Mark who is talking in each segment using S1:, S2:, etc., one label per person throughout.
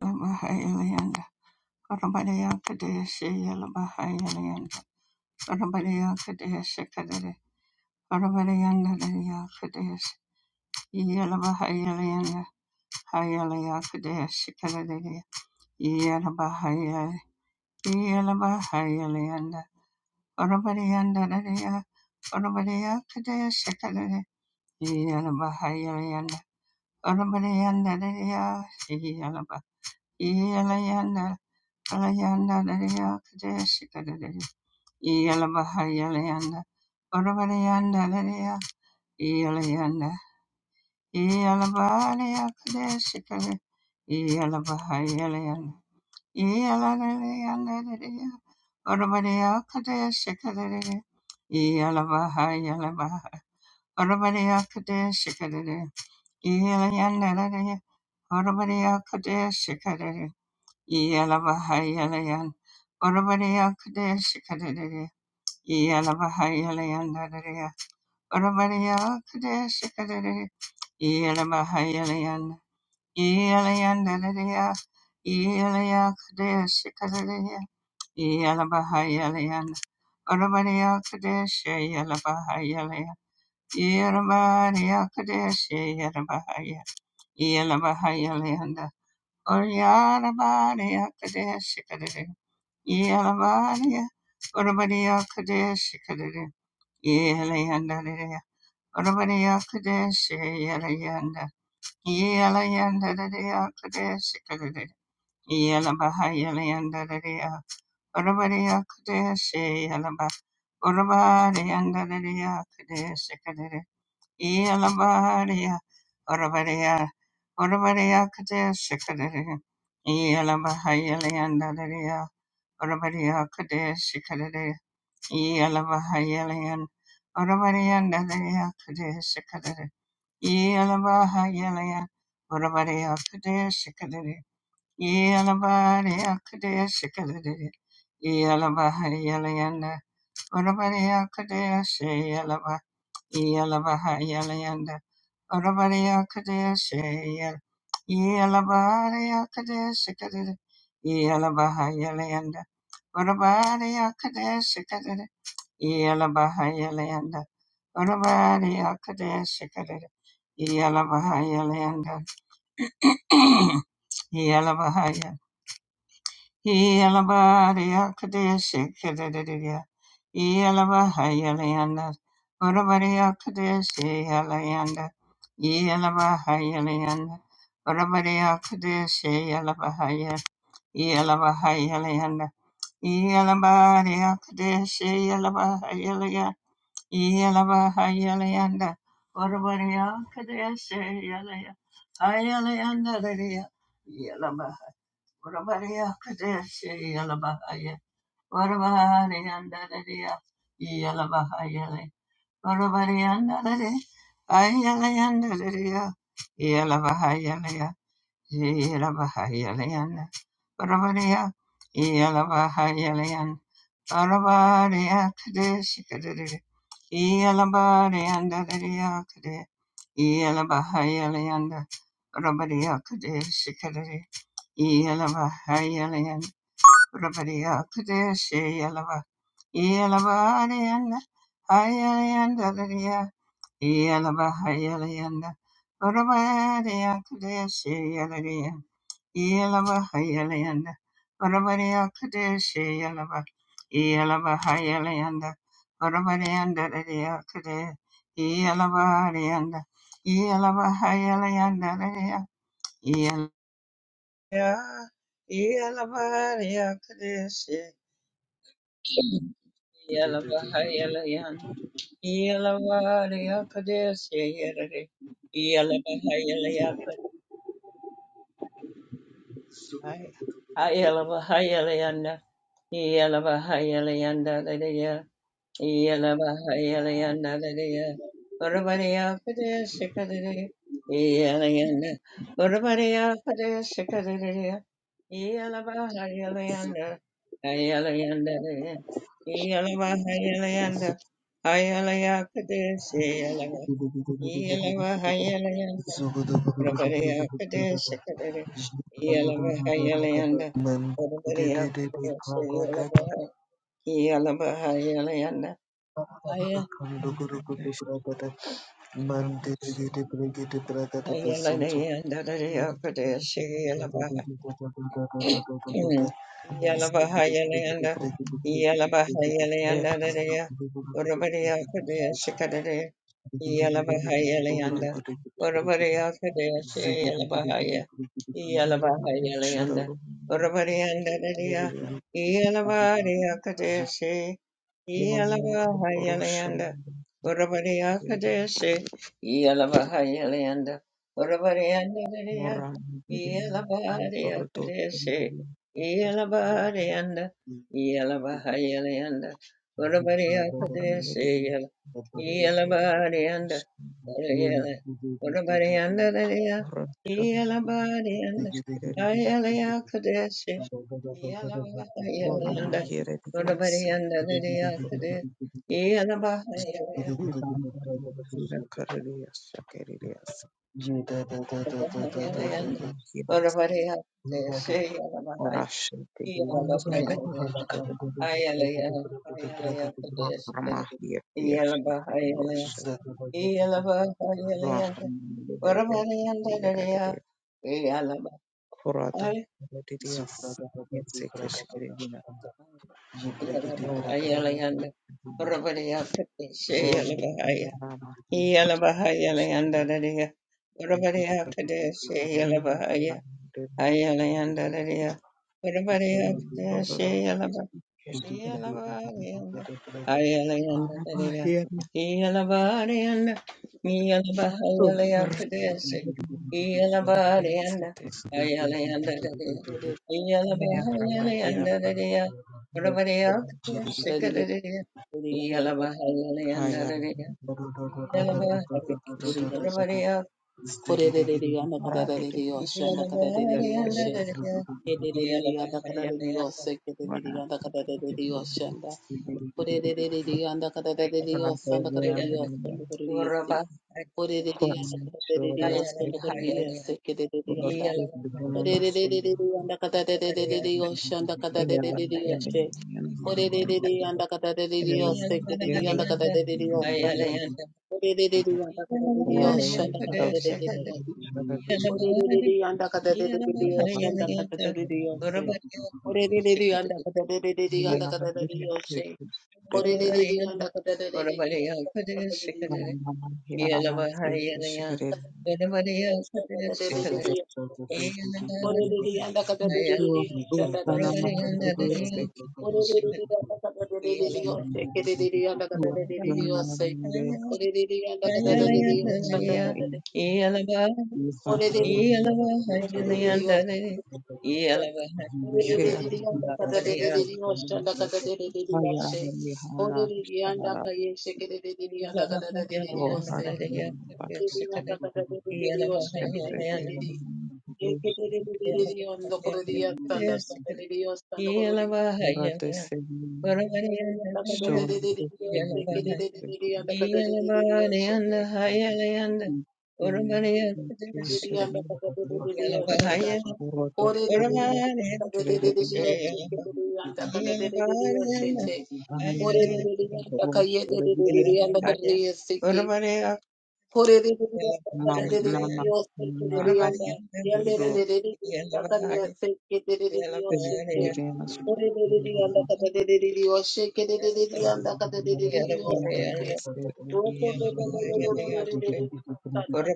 S1: Bahayalanda, Arabadaya Kadeshi Yala Bahayalanda, Arabadaya Kadeshi Kadere, Arabayanda Daya Kadeshi, Yala Bahayalanda, Hayalaya Kadeshi Kadere, Yala Bahayalanda, Yala Bahayalanda, Arabayanda Daya, Arabadaya Kadeshi Kadere, Yala Bahayalanda, Arabayanda Daya, Yala Bahayalanda, Alayanda Daria Kadeshika Daria Yalabahayalayanda Orabayanda Daria Yalayanda Yalabaria Kadeshika Yalabahayalayanda Yalalayanda Daria Orabaria Kadeshika Daria Yalabahayalabaha Orabaria Kadeshika Daria Yalayanda Daria Orabaria Kadeshika Yelavahayalayan. Oravaria Kadesh Kadere. Yelavahayalayan Dadere. Oravaria Kadesh Kadere. Yelavahayalayan. Yelayan Dadere. Yelaya Kadesh Kadere. Yelavahayalayan. Oravaria Kadesh Yelavahayalayan. Yeravaria Kadesh Yelavahayalayan. Yelavahayalayan. Oriaravaria Kadesh Yalabariya, Urabariya Kadesh Kadere, Yalayanda Dea, Urabariya Kadesh Yalayanda, Yalayanda Dea Kadesh Kadere, Yalabaha Yalayanda Dea, Urabariya Kadesh Yalaba, Urabariyanda Dea Kadesh Kadere, Yalabariya, Urabariya, Urabariya Kadesh Kadere, Yalabaha Yalayanda Dea, Urabariya Kadesh Kadere, Yelavahayalan Urabarian Dadaya Kadeshikadari Yelavahayalan Urabariya Kadeshikadari Yelavariya Kadeshikadari Yelavahayalan Urabariya Kadeshi Yelava Yelavahayalan Urabariya Kadeshi Yel Yelavariya Kadeshikadari Yelavahayalan Urabariya Kadeshikadari Yalabahayalayanda. Orabari Akadea Shikadera. Yalabahayalayanda. Yalabahaya. Yalabari Akadea Shikadera. Yalabahayalayanda. Orabari Akadea Shayalayanda. Yalabahayalayanda. Orabari Akadea Shayalabahaya. Yalabahayalayanda. Yalabari Akadea Shayalabahayalayanda. Yalabahayalayanda, Urabariya Kadesha Yalaya, Hayalayanda Daria, Yalaba, Urabariya Kadesha Yalabahaya, Urabahayanda Daria, Yalabahayale, Urabarianda Daria, Hayalayanda Daria, Yalabahayalaya, Yalabahayalayanda, Urabariya, Yalabahayalayanda, Alabari akde shikadere. E alabari anda dere akde, E alabahai alayanda. Rabari akde anda rabari akde she alaba. E alabari anda. Hai alayanda dere. E alabahai alayanda. rabari Alabariakade shikadadada. Ialabariandadadiakade. Ialabahayalayanda. Rabariakade shikadadada. Ialabahayalayanda. Rabariakade shayalaba. Ialabarianda. Hayalayandadadia. Ialabahayalayanda. Rabariakade shayalaya. Yelavahayalanda, Varavaria Kadeshi Yelava, Yelavahayalanda, Varavarianda Radia Kade, Yelavarianda, Yelavahayalanda Radia, Yelavaria, Yelavaria Kadeshi, Yelavahayalayanda, Yelavaria Kadeshi Yelare, Yelavahayalayaka, Yelavahayalayanda, Yalava, Hayalanda,
S2: Zugu
S1: everybody out for this, Yelabahayelian,
S3: Murabeshtabaso
S1: Ayelayan, Dadaya, Kadeshi, Mm. Yala
S3: Yankanabro
S1: Bahayala yanda. Yala Bahayala yanda. Yalabahayalayanda, Yalabahayalayanda, Dadaya, Urabadiya Kadaya
S3: Behasa
S1: Shikadaya,
S3: Yashamu
S1: Yalabahayalayanda,
S3: Orabar
S1: Urabadiya Kadaya
S2: Ziggy,
S1: Shayalabahaya,
S3: Yanam
S1: Yalabahayalayanda,
S3: Shararu
S1: Urabadiyanda, Dadaya,
S3: Vilya
S1: Yalabadiya Kadaya Shay, Yala
S3: Yanu
S1: Bahayala
S3: Borosho
S1: yanda. Urabadiya Kadaya
S3: Vilyansa
S1: Shay, Yalabahayalayanda, Urabadiyanda, Dadaya,
S3: Moram Vilya
S1: Yalabadiya
S3: Bordo
S1: Kadaya
S3: Vilyansa
S1: Yelabariyanda, Yelabahayalayanda, Urabariya Padeshe
S3: Ramedian
S1: Yela,
S3: Borosh
S1: Yelabariyanda, Yela, Urabariyanda Daya,
S3: Borosho
S1: Yelabariyanda,
S3: Shkirel
S1: Hayalaya Padeshe,
S3: Ora
S1: Yelabahayalayanda,
S3: Mahere Dilyasa
S1: Urabariyanda Daya
S3: Borova
S1: Padeshe, Yelabahayalayanda,
S3: Ndambar Vila Kareliyasa Kereliyasa Doro Mahere
S1: Urabariya Padeshe,
S3: Orașul de
S2: Alla
S3: gheață,
S2: bracket of
S1: Yelabahayalayanda,
S2: a can
S3: orașul de
S2: go to
S1: Ayalaya,
S2: the bracket of
S1: ayalaya,
S2: bracket of
S3: mahrama,
S1: padeshvara,
S2: bracket
S3: iertieș,
S1: iyalaba, ayalaya,
S3: curloșe,
S2: is a
S1: iyalaba, ayalaya,
S3: vahamile de
S1: varavarayanda, raraya,
S3: ierele,
S1: iyalaba,
S3: curată,
S1: ay,
S3: rodirias,
S2: Zufraga of
S3: iețe
S2: bracket of
S3: keşkerine,
S2: You break it
S1: iyalaba,
S2: in bracket
S3: yoğuranı da
S1: ayalayanda, varavaraya, padeshe,
S3: orma,
S1: iyalaba, aya,
S3: yarama,
S1: iyalaba, ayalayanda,
S3: keşkere,
S1: raraya, varavaraya, padeshe, iyalaba, aya,
S3: yoğuranı
S1: ayalayanda, raraya, varavaraya,
S3: da doğru,
S1: padeshe,
S3: keşkere,
S2: of
S1: Yeah.
S3: araba, yerim, sokar, keşkere,
S4: Ore
S3: mehrama, yer,
S2: Zilly
S3: Kaya
S2: Zugu
S3: Thank you.
S4: Dios,
S1: Yeah,
S3: Dostana
S1: Everybody
S3: mahvediyse Thank you.
S4: Oshete
S2: Zugu
S1: Yeah. Yeah.
S4: Ore re re re yo shaka re re re re re yo shake re re yanda ka re re re re re yo shete. Ore re re re yanda ka ye re re re re re yanda ka re re yo seke. Ore re re re yanda ka
S3: Na
S4: re re re re
S3: na
S4: re
S3: na
S4: yo shake
S3: na
S4: re re yanda. Yanda
S3: ro
S4: re re re re re yanda ka re yo seke re re re re yo
S3: pe
S4: shete.
S3: re na sti
S4: Ore re re
S3: re
S4: re yanda ka re re re re re yo shake re re re re yanda ka re re
S3: na
S4: re re
S3: ra
S4: re yo
S3: ni na na
S4: seke.
S3: sti re
S4: Ore re re re re re re re re re re yo shaka.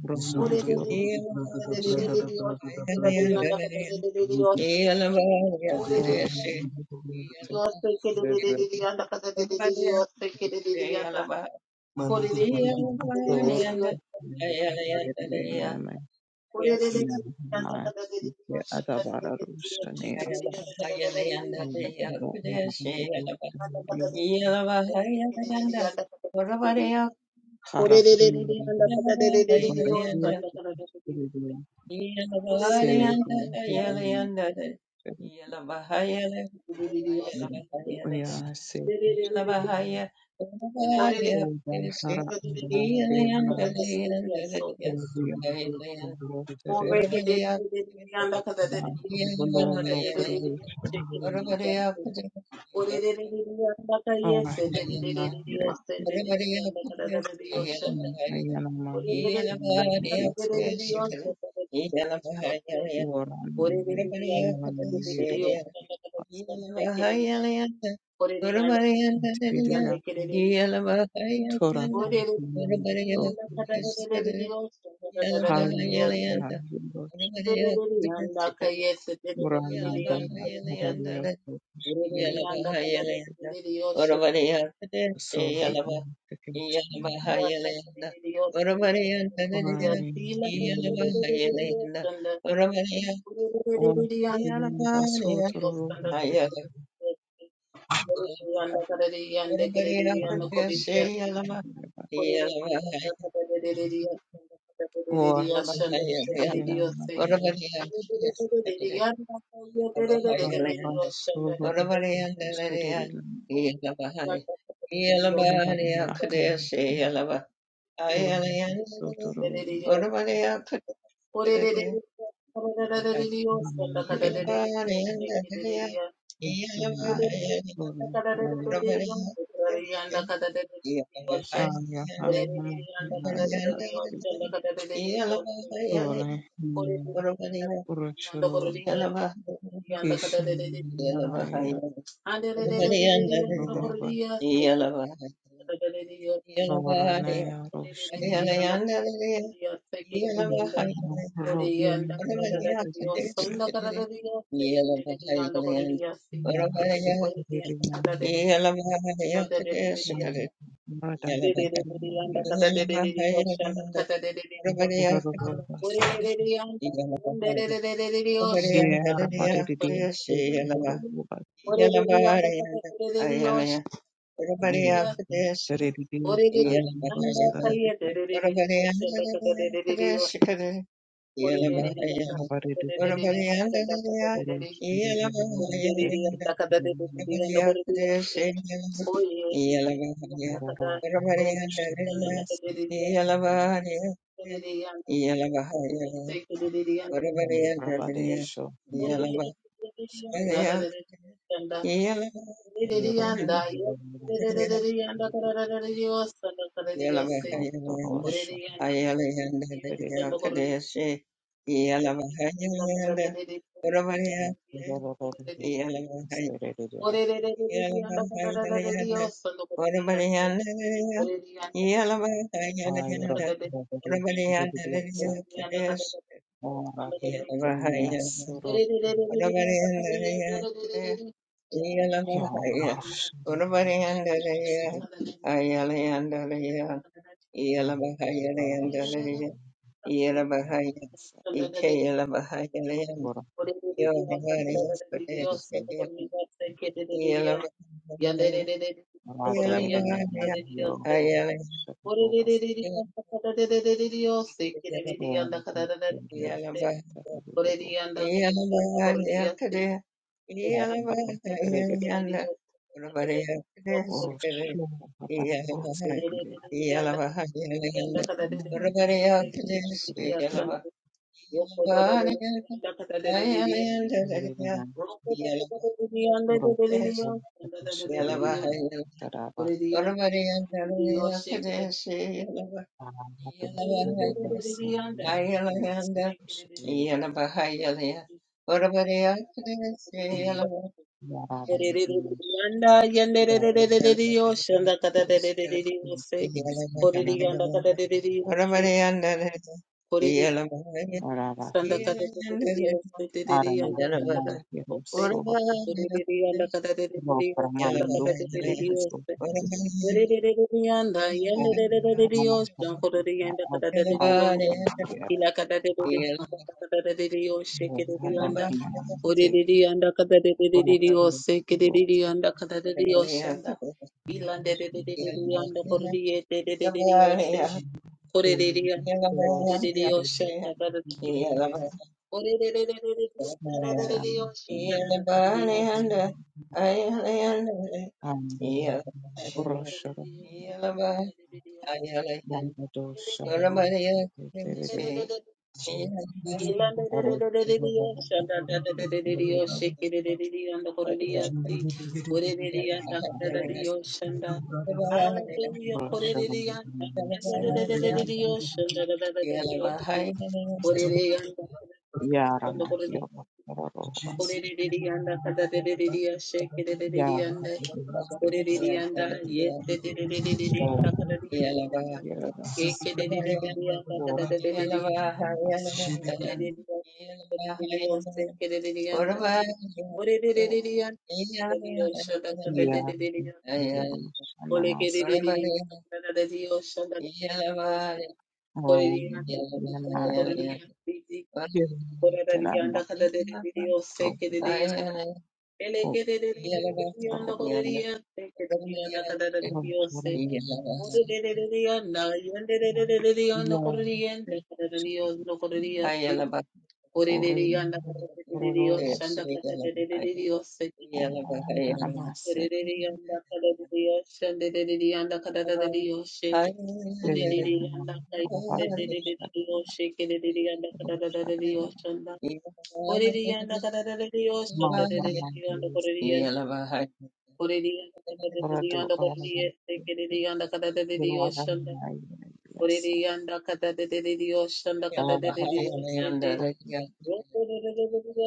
S3: ro Ma nama nama haribo Pirimas Ora Yamas Brahma
S4: Ore re re re
S3: Yorgas
S4: yanda ka re re re re re re yo shake re re yanda ka re re re re yo shete.
S1: Yeah.
S4: Ore Yes,
S3: Ora Tor Neme Nama Adabara Rushaniasta Harap Sine Oya se
S1: Iyalabahaya, Iyalabahaya,
S3: oda
S1: Pesi,
S3: hara ara de namas
S4: so.
S1: Iyalayandalayandalalaya,
S3: oya
S2: Zugu
S3: se
S1: Hayalayan,
S4: Ore
S3: botere
S1: Urvalaya,
S3: ba bono no
S1: Iyalabahaya,
S3: kurbu shere
S1: Urvalaya, Pudrivaya,
S3: ora shina
S1: Hayalaya,
S3: yirete ke
S1: Urvalaya, Pudrivaya,
S3: ashina
S1: Iyalabahaya,
S3: ayana ma yishini
S1: Iyalabahaya,
S3: ritso
S1: Pesi, Iyalabahaya,
S3: ora nire
S1: Urvalaya,
S3: nira nire
S1: Pudrivaya,
S3: passe
S1: Yelavahayalanda, Uruvariyandadariya,
S3: tirira tora
S1: Yelavahayalanda,
S3: ma so bas
S1: Uruvariyakudasikada,
S3: haya ara
S1: Yelavahayalanda,
S3: yindosh
S4: Yanda kadari
S1: Uruvariyakudasikada,
S4: yanda
S3: ora
S4: kadari
S3: nada ara
S1: Yelavahayalanda,
S3: yirte
S1: Yelavahayalanda, Uruvariyakudasi,
S3: so
S1: Yelava-
S3: application
S1: Yelavahayalanda, Uruvariyandadariya,
S3: requiring learning
S1: Yelavahayalanda, Uruvariyakudasi,
S3: or development of sort of robot
S1: Yelavahayalanda,
S4: yanda
S3: development
S1: Yeah.
S4: kodiri yasti Dios,
S3: or
S4: Yanda Ore yanda
S1: Yeah.
S3: Thank you. Ruba Rana Roshana Robinaya
S4: karada da da diyor, sonda karada diyor, çekilede diyor, yanda koru diyor,
S3: Marte
S4: Ocean,
S3: Kirina Rada Kirina Ruba Se
S1: Yeah.
S3: Yara Varedi Ruba Heredi Rostarida Ravaredi Roshuru Ruba Se Yara Roshana Roba Yes. Rabadesho Skere Yoro
S1: Yeah.
S3: se Moto Osho Vedede Yoro Serede
S4: Ore re re re re re anda kada re re re re osso no kore re ande. Ore re anda kada re osso
S3: Ayro
S4: kada re.
S3: Rabadesho Vedede
S4: Ore re
S3: Sake
S4: anda kada re osso anda
S3: Orabe
S4: kada re.
S3: Dene Asoro
S4: Ore re re re re re anda kada re ante. ore re re re re
S3: Yoro
S4: kada re re osso.
S3: Varsho Serede
S4: Kada re kada re. Ore
S1: Yelabahayalanda,
S4: re re re re
S3: Varsho
S4: anda kada re.
S1: Yelabahaya, Ike Yelabahayaland,
S3: Ora
S4: Ore re re re anda kada
S1: Yelabahaya,
S3: skere
S4: re re re
S1: Pradesh,
S3: de
S4: osso no kore re ande. Kete re re re. Yande re
S1: Yelabahayalanda,
S4: re re re no kore
S3: Rata
S4: re
S3: Dere
S4: ande
S3: Nama
S4: kada
S1: Yelabahaya,
S4: re re
S3: Yoro
S4: osso.
S1: Hayalanda,
S4: Ore re re
S3: Shakubas
S4: re re yanda kata re re re re re yose, kere re re
S3: Ora
S4: yanda kata re re re re yose.
S1: Yelabahaya,
S4: Ore re
S3: Sata
S4: yanda kata re yanda kore re
S1: Yelabahaya, Kadesh,
S4: Ore re re
S3: Bato
S4: yanda kata re
S3: pereira,
S4: re re
S1: Yelabahayalanda,
S4: yose, re
S1: Urabahaya, Kadesh,
S3: orosho, bato orosho,
S1: Yelabahaya,
S4: re re yose. Ore re re
S3: pereira,
S4: re re yanda re re yanda
S1: Yelabahayalanda,
S4: kata re re re re
S1: Urabahaya,
S4: kere re
S1: Kadesh,
S4: re re
S3: pereira,
S4: yasande. Roko do
S1: Yelabahaya,
S4: re yanda kata re anda kada re re
S1: Yeah.
S4: re yose.
S3: pereira,
S4: re re yanda re re re re yose,
S3: orosho, bato
S4: yanda re re re re
S3: pereira, taraba,
S4: Ore re yanda kata re re re kere
S3: bato,
S4: re re
S3: pereira,
S4: re re
S3: se,
S4: re
S3: pereira,
S4: re re
S3: se,
S4: re
S3: pereira, yaraba,
S4: Yanda
S3: yaraba,
S4: yanderererererereriyo, shanda katatererererereriyose,
S3: pereira,
S4: koriri
S3: panama,
S4: yanda kataterererereriyose, koriri
S3: araba,
S4: shanda kataterererereriyose, tereri
S3: arana,
S4: yanda
S3: arana,
S4: kataterererereriyose,
S3: yeroso,
S4: koriri yanda
S3: lo
S4: kataterererereriyose,
S1: Yeah.
S4: shanda kata
S3: paramando,
S4: re re re yo
S3: roso,
S4: Orerererereyanda,
S3: o, arana,
S4: yendererererereyosha, korereyanda
S3: arana, arana,
S4: kadadaderiyondo,
S3: arana,
S4: kila kadadadedereyanda kadadadereyoshe,
S3: Yara
S4: kerereyanda, orerereyanda kadadadereyose, kerereyanda kadadaderiyoshanda, ilanderererereyanda, korereyedererereyoshe, korereyanda kadadaderiyoshanda, kadadadereyoshe, orererererereyanda kadadadereyoshe, kadadadereyoshe, kadadadereyoshe, kadadadereyoshe. Hallelujah.
S1: Yeah.
S4: Korereyanda. Korereyanda. Korereyanda. Orererianda kadaderiya shekerererianda orererianda yeterererianda kadaderiya yekerererianda
S3: Well,
S4: kadaderiya
S3: basi
S4: orereriya kadaderiya shekerererianda orererianda kadaderiya shanda
S3: iya
S4: kadaderiya
S3: ndivyo shanamasi
S4: olekerererianda kadaderiya shanda kadaderiya orererianda
S3: ninayo
S4: kadaderiya Korarariyanda
S3: tenamakuroba
S4: kadadadadiyo sekedadiyanda. Elekedadadadadadiyanda
S3: okuroba
S1: Yeah.
S4: korariya sekedadiyanda kadadadadiyo
S3: rochora
S4: se.
S3: basi
S4: Odadadadadiyanda yandadadadadadiyanda
S3: iya
S4: korariyanda kadadadadiyanda korariya se.
S3: ori
S4: Orereriyanda
S3: roro
S4: kadadadadadiyo shanda kadadadadadiyo se.
S3: ohandaramasi
S4: Orereriyanda kadadadadiyo shandadadadiyanda kadadadadiyo she. Orereriyanda kai-
S3: ninamakubari
S4: dadadadadiyo
S3: rochora
S4: shekedadadiyanda kadadadadadiyo shanda. Correría, Dios,
S3: mahormon
S4: anda, correría, correría,
S3: rodo
S4: anda, correría, te querería, anda, cadete de Dios, anda,
S3: orangai yasa
S4: correría, anda, cadete de Dios, anda, cadete de Dios, te correría,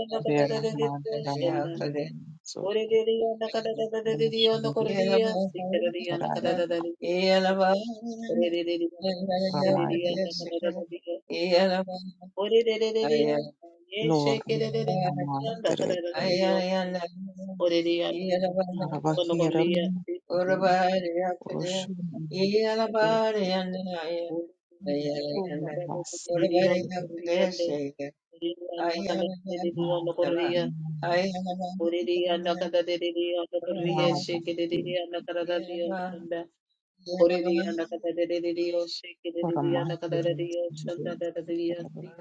S4: anda, cadete de
S3: Beraman
S4: Dios,
S3: Raman
S4: anda,
S3: yemen so
S4: correría, anda, cadete de Dios, anda,
S3: Ramashmi
S4: correría,
S1: Yeah.
S4: te querería, anda,
S3: Taran
S4: cadete de Dios, correría, correría, anda, cadete de Dios,
S3: Ramaya
S4: anda, correría, yes,
S3: Lor
S4: te querería,
S3: Mama
S4: anda,
S3: Tere
S4: cadete de Dios, Orelia no correlia, cuando corría,
S3: Havahiram
S4: sí.
S3: Roshun
S4: Orelia
S3: Vas
S4: no correlia, no correlia, no correlia. Orelia no correlia, no correlia, sí, que diría no correlia, senda. Orelia no correlia, sí, que diría no
S3: Paramahira
S4: correlia, senda, correlia, sí.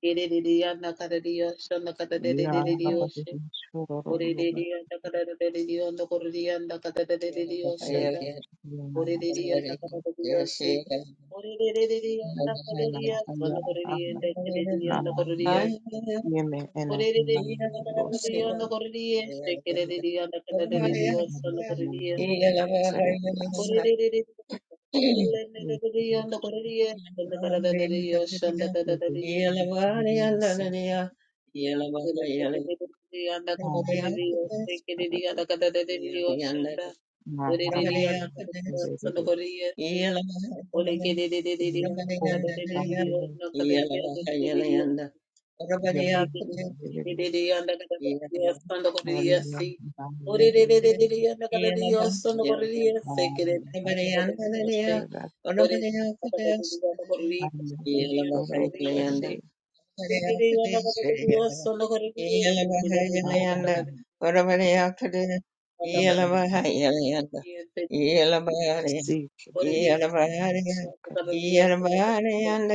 S4: Que diría no correlia, senda,
S3: Ya
S4: correlia,
S3: Rabbi
S4: sí.
S3: Shororo
S4: Orelia no correlia, no correlia, no
S1: Yeah.
S4: correlia, senda. Orereriyandakarariyase.
S3: Nama
S4: Orereriyandakarariyase.
S3: Haya Nama
S4: Onokoreriyandakarariyase.
S3: Yeme ena ena bosoro.
S4: Orereriyandakarariyase.
S3: Yeme
S4: Kerereriyandakarariyase.
S3: ena
S4: Onokoreriya.
S3: ena serebiasa.
S4: Korereriyandakarariyase.
S3: Yebush.
S4: Onokorereriyase.
S3: Yebu
S4: Ndakarariyase.
S3: yebuisa. Ah,
S4: Orereriyandakarariyase.
S3: barabu.
S4: Kerereriyandakarariyase. Nda.
S3: Na harama
S4: Orereriyandakarariyase.
S3: yebebebe.
S4: Onokoreriya. Ole ke de de de de de anda
S3: Yebuhor
S4: kada de de de de
S3: tamile.
S4: anda kada de anda kada de de de ele
S3: Yom
S4: ke de de
S3: yebebe.
S4: de de de anda ka de de anda kada de de
S3: Mariya
S4: si ore de de
S3: tamire.
S4: de de de anda
S1: Yeah.
S4: kada de anda kada de de se ke de
S3: Mariya tamire.
S4: anda kada de de se ore anda de de de anda kada de
S3: Mariya
S4: de anda ka de
S3: bosoro
S4: de se
S3: sharebe.
S4: de de de anda kada de anda kada de de se ke de
S3: Ma
S4: de anda ka
S3: harama
S4: de de anda kada
S3: yebebebe.
S4: de de se
S3: Seek.
S4: ore de anda kada de de anda kada
S1: Iyalabariya,
S3: Sokara.
S4: de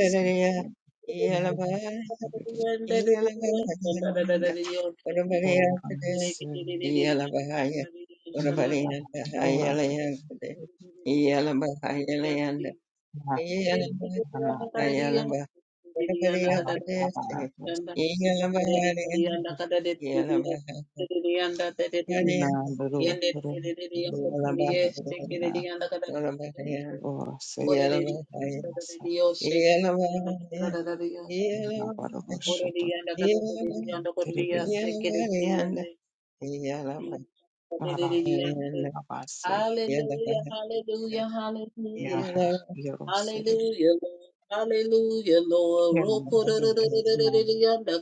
S4: de Yes,
S3: Yom
S1: Iyalabari,
S3: yebebe.
S1: Iyalabariyanda, Orabariyakade, Iyalabariya, Orabariyanda,
S3: Ora te
S1: Ayalayakade, Iyalabariyalayanda,
S3: ma
S1: Iyalabari,
S3: ma
S1: Ayalaba,
S3: ora
S1: Orabariyakade,
S3: aba
S1: Iyalabariya, Iyalabari, Orabariya, Iyalabari,
S3: na
S1: Orabariya, Iyalabari,
S3: bero bero bero na ora se sa
S1: Iyalabariya,
S3: na baro
S1: Iyalabari.
S3: shoto
S4: Oreliyanda
S1: Yeah.
S4: kata oreliyanda
S3: terebiya
S4: koreliyase kereliyanda
S3: ara
S4: koreliyase.
S3: aba se
S4: Hallelujah, hallelujah,
S3: ya
S4: hallelujah,
S3: yero se
S4: hallelujah, Lord, hallelujah, Lord.
S3: ya
S4: Roko
S3: na
S4: oreliyanda koreliyanda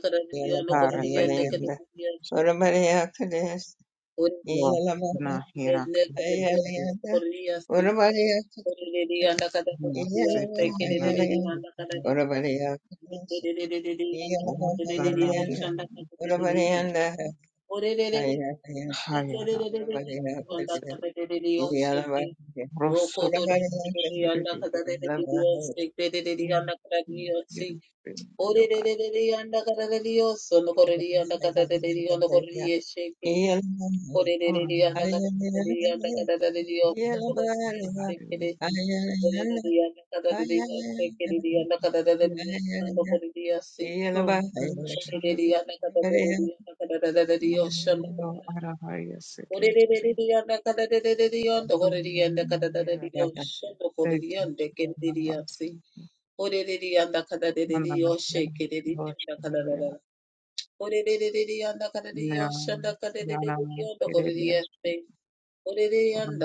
S3: ara
S4: koreliyanda oreliyanda
S3: te
S4: koreliyanda koreliyanda
S3: yo na hirak
S4: oreliyanda kata
S3: te
S4: koreliyanda koreliyase. Oreliyanda kata
S3: na se
S4: oreliyase
S3: te na
S4: kereliyanda kata oreliyanda
S3: ora
S4: koreliyanda koreliyanda ore
S3: na
S4: orerererere, yandakaderere yosheke,
S3: Rosso
S4: rokotorerere,
S3: Shadidi
S4: yandakaderere yosheke, derere yandakaderere yoshi,
S3: Yoga
S4: orerererere yandakaderere yoso, nokorere yandakaderere yonokorere
S1: Yeah.
S4: yesheke, orererere
S3: Hormarabi
S4: yandakaderere yandakaderere yoso, nokorere yeshekere, orerere yandakaderere yosheke, derere yandakaderere yoso, nokorere yasi,
S3: Yoko
S4: orerere
S3: Shadidi
S4: yandakaderere yandakaderere yosho,
S3: No
S4: nokorere
S3: Arahaya Sekiri
S4: Orererereriyanda kadadadadadiyanda orereriyanda kadadadadadiyoshanda
S3: Thank you
S4: orereriyanda kendiriyasi. Orereriyanda
S3: Anana Yana
S4: kadadadadadiyoshekereriyanda
S3: Roshadidi
S4: kadadadada. Orererereriyanda
S3: Nam Yana Kirili Om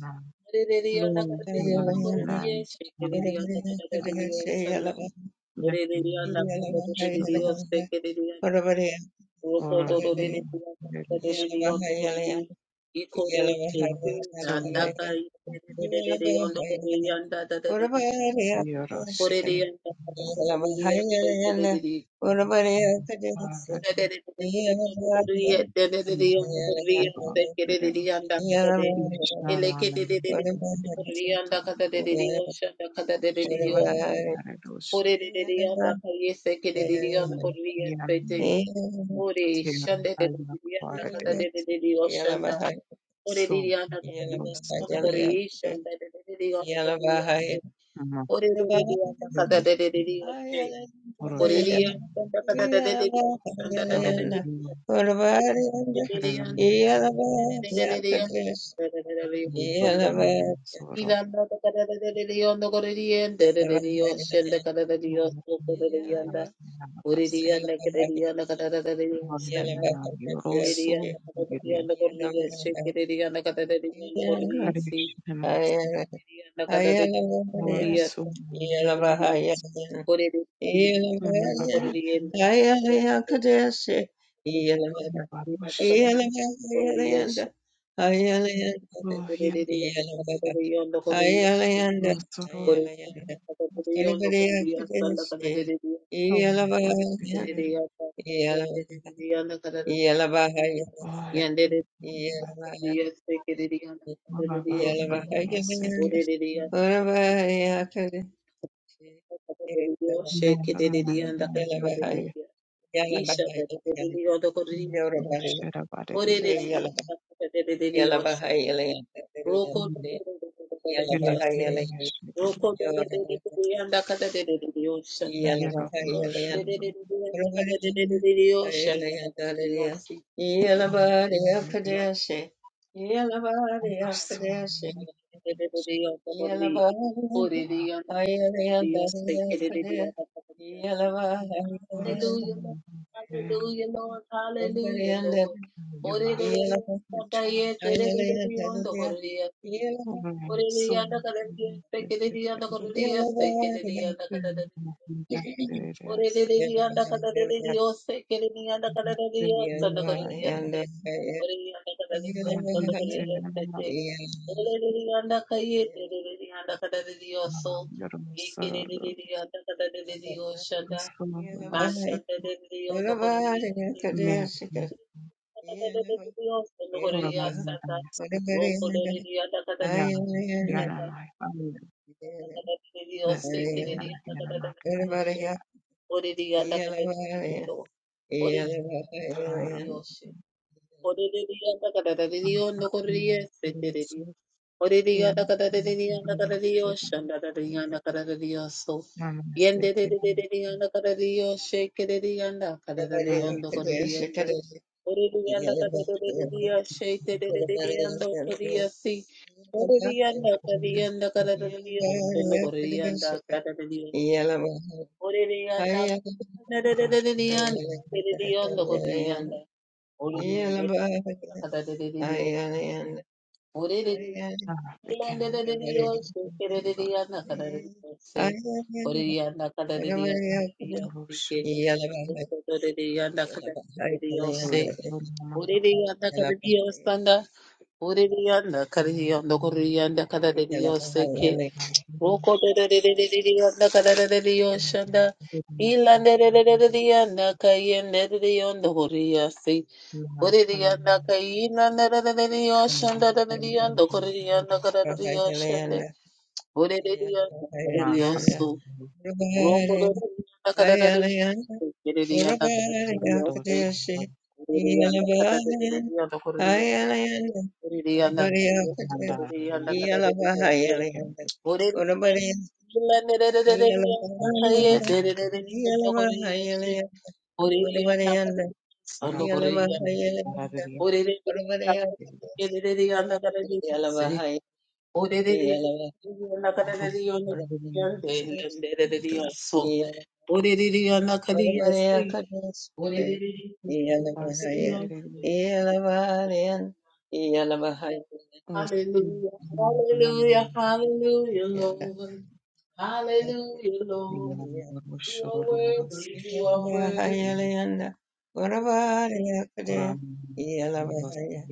S3: Nam Lo Alai Nam Amanai Nephi
S4: Ore
S3: Ora
S4: de
S3: eres una sola noche
S1: Yeah.
S3: lloras para tu padre y llámame de la sata marerosa
S4: de de yanda kayese kere de de yanda kore
S3: y a
S4: yese te. Ore
S3: tierra
S4: shande
S3: a
S4: de
S3: la
S4: dirianda
S3: cuara
S4: kada
S3: de
S4: de de de de oshanda. Ore
S3: son
S4: dirianda kada de
S3: los
S4: oshanda kore
S3: de la
S4: ishanda de de de oshanda de yase. Ore de de dirianda kada de de
S3: mayores
S4: de oshanda. Ore dirianda kada
S3: oroshamate
S4: de de
S1: Yeah.
S4: de de oshanda
S3: oro kerenamasa
S4: de de de
S3: muba anam soro
S4: Ilanda kada de de de de oshanda Ila anda kada de de de de anda kore dirianda de de de oshanda kada de de oshanda kore dirianda. Ore
S3: mulva
S4: dirianda kada de dirianda kada de de de oshanda.
S3: Mariana
S4: Yandere,
S3: Yoroso
S4: yes,
S3: Bulgaria Karishima Boriso Rakahani Barush Rohia
S1: Iyalava Ayalayanda
S3: Rosoro
S1: Ayalayanda Arabadiyakadesi Iyalava Yanda
S3: Peter
S1: Iyalava Iyalava Ayalayanda
S3: Bosh
S1: Iyalava
S4: take it,
S3: Maravayana
S1: Iyalava
S4: Diana,
S1: Ayalayanda
S3: Yasekis
S4: Orereriya,
S1: Arabadiyakadesi
S4: orereriya,
S1: Iyalava
S4: shekereriya,
S3: Meranda
S1: Iyalava
S3: de
S4: ndakatereriya,
S1: Iyalava
S4: isha
S1: Ayalayanda
S4: tereriya, odokoriya,
S1: Yorava Yesi
S3: Sherabadia
S4: orereriya,
S1: Iyalava
S4: ndakatereriya,
S1: Iyalava
S4: she,
S1: Ayalayanda
S4: roko
S1: Iyalava
S4: tereriya,
S3: Yerekin
S4: she,
S1: Ayalayanda
S3: Yashid
S4: roko tereriya, ndakatereriya, shanda,
S3: Yara
S1: Yorava Yesi
S3: Burushar
S4: orereriya,
S1: Yeah.
S4: ndakatereriya, shanda, ndakatereriya, she,
S3: Borete
S4: orereriya, ndakatereriya,
S3: Rasso
S4: odokoriya,
S3: Rasso
S4: orereriya, ndakatereriya, shekereriya, ndakatereriya, she. Hallelujah, Lord. Hallelujah, Lord. Hallelujah, Lord. Ore de la
S3: Uchaguzi
S4: Sakaye, Tere de Dion, the Horia.
S3: uremerera
S4: Ore de Yanda Karadia,
S3: sektorialinį rusų
S4: Pekedidia, the
S3: kalbos
S4: Horia, Sekedidia, Ore de de di anda kada de de Dios se quiere ni anda kada de Dios solo con Dios se ore ni anda kada de Dios solo con Dios se se ore de di anda calle de de de di anda kada de Dios so ye quiere de de di anda kada de de Dios shanda más shanda de de Dios no con Dios se que
S3: merų
S4: ore kada de de de Dios solo con Dios santa
S3: formavimas ją
S4: roco de de di anda kada de de Dios shanda
S3: vienamai vienamą
S4: kada de de Dios se quiere ni anda kada de Dios se Oririanda kadaririyondo, oririanda kadaririyoshi, oririanda kadaririyondo koriyese tereriyo, oririanda kadaririyondo kadaririyoshanda kadaririanda kadaririyoso, yendererereriyanda
S1: Yeah.
S4: kadaririyoshi kereriyanda kadaririyondo koriyende, oririanda
S3: rusų
S4: kadaririyoshi tererereriyando koriyasi, oririanda kadaririyondo kadaririyoshanda koriyanda kadaririyosi. Oriyanda, na Oreliyanda, oreliyanda, oreliyanda, oreliyanda. Oreliyanda, oreliyanda, oreliyanda. Oreliyanda,
S3: beginning
S4: oreliyanda, oreliyanda.
S3: your
S4: Oreliyanda, oreliyanda, oreliyanda. Oreliyanda, oreliyanda, oreliyanda,
S3: introduction correct
S4: oreliyanda. Oreliyanda, oreliyanda, oreliyanda, oreliyanda.
S3: mega
S4: Rokoto
S1: Yeah.
S3: la anam ma harma dos nanda here chicken
S1: Iyalavahayalayanda.
S4: Ore
S1: Udabarayanda.
S3: shural
S1: Iyalavahayalayanda. Iyalavahayalayanda. Udabarayanda.
S3: ram
S1: Iyalavahayalayanda.
S3: aradriya
S1: Udabarayanda. Iyalavahaya- Iyalava-
S3: horu
S1: Udabarayanda.
S3: sek
S1: Iyala- Udabarayakadasvara.
S3: bas
S1: Iyalavahaya.
S3: tere
S1: Iyalavahalayanda. Iyalavahayalayanda.
S4: Hallelujah, hallelujah,
S3: anam
S4: hallelujah, Lord. Hallelujah,
S3: Arias,
S4: Lord. You are worthy, you are worthy.
S1: Iyalabahayalayanda, Gurabhariyakade, Iyalabahaya,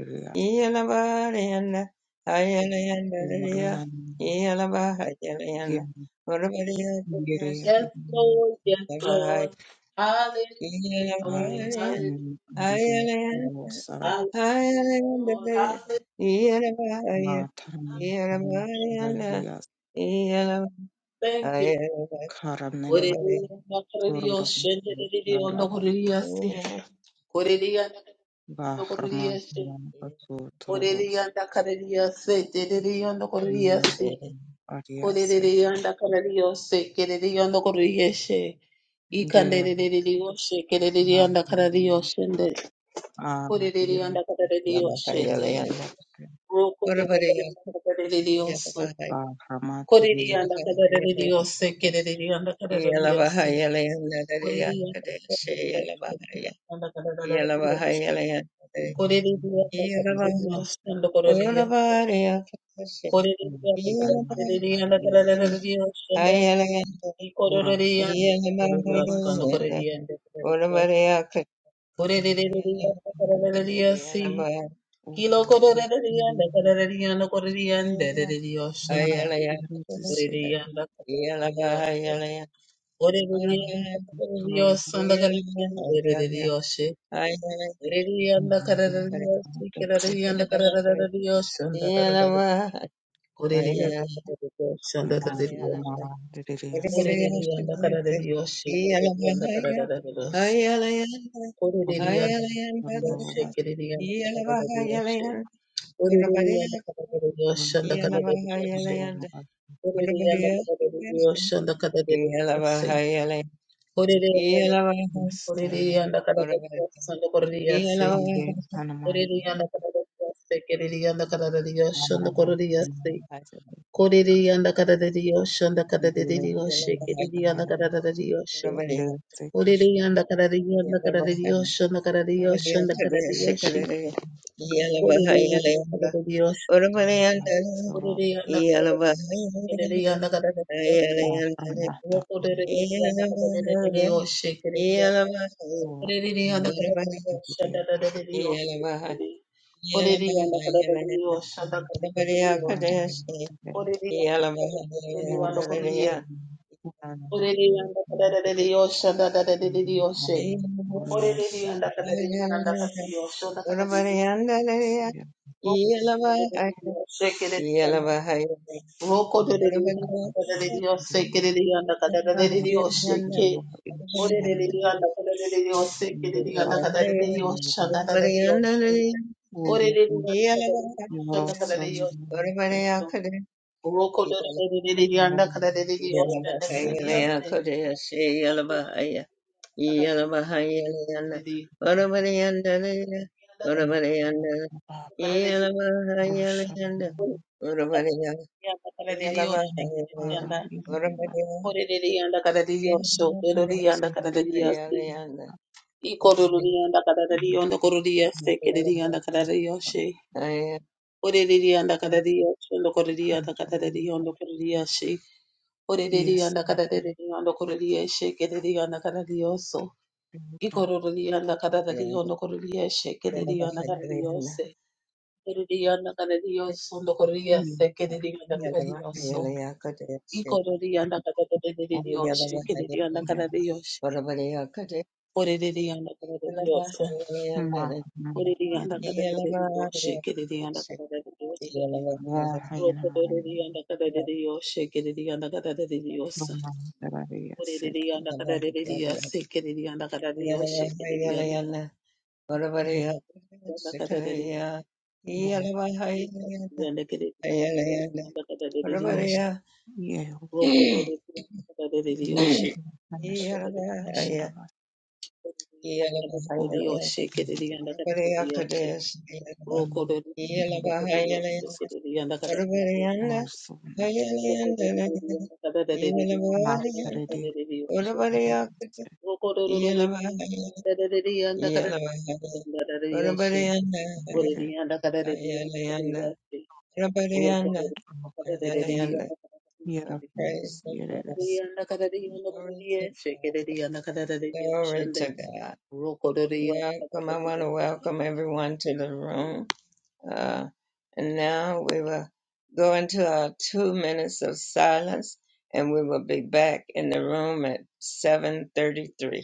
S1: Iyalabariyanda, Hayalayanda Dariya, Iyalabahayalayanda,
S4: Yes,
S1: Gurabhariyakadesabahaya,
S4: Lord, yes, Lord. Hallelujah, Lord,
S1: Iyalabariya,
S4: hallelujah,
S1: Hayalayanda,
S4: hallelujah,
S1: Hayalayanda
S4: Lord,
S1: Dariya,
S4: hallelujah.
S1: Iyalabahaya, Iyalabariyanda,
S4: Thank you.
S1: Iyalabahayalayanda,
S4: Hallelujah, hallelujah, hallelujah, hallelujah. Hallelujah, hallelujah, hallelujah, hallelujah. Koleleleyanda karariyose, keleleyanda koriyeshe. Ikandeleleleyoshe, keleleyanda karariyoshende. Koleleleyanda karariyoshete.
S1: Iyalabahayalayanda. Yeah.
S4: Rokoleleyanda karariyoso. Koleleyanda karariyose, keleleyanda karariyose. Koleleyanda karariyose, keleleyanda karariyose. Koleleleyanda karariyoshende korariyose. Koleleleyanda karariyanda karariyosende. Y correrían, cuando correrían, correrían, correrían, sí. Kilo correrían, correrían, correrían, correrían, sonda, correrían, correrían, sí. Correrían, correrían, sonda, correrían, correrían, sí.
S1: Yeah.
S4: Correrían, correrían, sí, correrían, correrían, sonda, correrían,
S3: Thank
S4: correrían, sonda, correrían, correrían, correrían, sí, correrían, correrían, Orereriana kushekeriana kadadadadiyoshe. Orereriana kadadadadiyoshe ndakadadadiyoshe. Orereriana kadadadadiyoshe ndakadadadiyoshe. Orereriana orereriana kadadadadiyoshe ndokoreriyase. Orereriana kadadadadiyoshe kereriana kadadadadiyoshe ndokoreriyase. Korereriana kadadadadiyoshe ndakadadadadiyoshe kereriana kadadadadiyoshe.
S3: you.
S4: Orereriana kadadadadiyoshe ndakadadadiyoshe ndakadadadiyoshe ndakadadadiyoshe.
S1: Yeah.
S4: Orere yanda kadar ediyor.
S3: Asoro
S4: Orere yanda kadar ediyor. Orere yanda kadar ediyor.
S3: Armata
S4: Yok orere yanda kadar ediyor. Şeker ediyor.
S3: Kor
S4: Orere yanda kadar ediyor. Şanda
S3: Brigadier
S4: kadar ediyor. Orere yanda kadar ediyor. Şanda kadar ediyor. Orere yanda kadar ediyor.
S3: Boris
S4: Orere Orere yanda kadar ediyor. Şanda kadar ediyor. Şey.
S3: Ornos
S4: Orere yanda kadar ediyor. Yanda kadar ediyor.
S3: Sia
S4: Roko
S3: Ishal
S1: Yeah.
S3: Ash Uru Yorosan Russia
S4: Ikorororiyanda kararariyanda kororiyase
S1: Yeah.
S3: para
S4: kereriyanda kararariyoshe. Orereriyanda kararariyoshe lokororiyanda kararariyanda kororiyashe.
S3: Yes,
S4: Orereriyanda kararariyanda kororiyashe kereriyanda karariyoso. Ikorororiyanda kararariyanda kororiyashe kereriyanda karariyose. Orereriyanda karariyoso lokororiyase
S3: Ili
S4: kereriyanda
S3: kuweza
S4: karariyoso. Ikorororiyanda
S3: kuona
S4: kararariyoshe kereriyanda
S3: kupiga
S4: karariyoshe. Orereriyanda kararariyoshe.
S3: maana
S4: Rokododo
S3: ya raha ina maana kwamba dalili ya seke ndio yeye anashika kama alama
S1: I
S3: au uso na rede mbele yake mbele
S1: Praise the Lord.
S3: yake
S1: Glory to God. Glory to God. Welcome. I want to welcome everyone to the room. Uh, and now we will go into our two minutes of silence, and we will be back in the room at 7:33.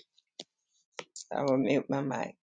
S1: I will mute my mic.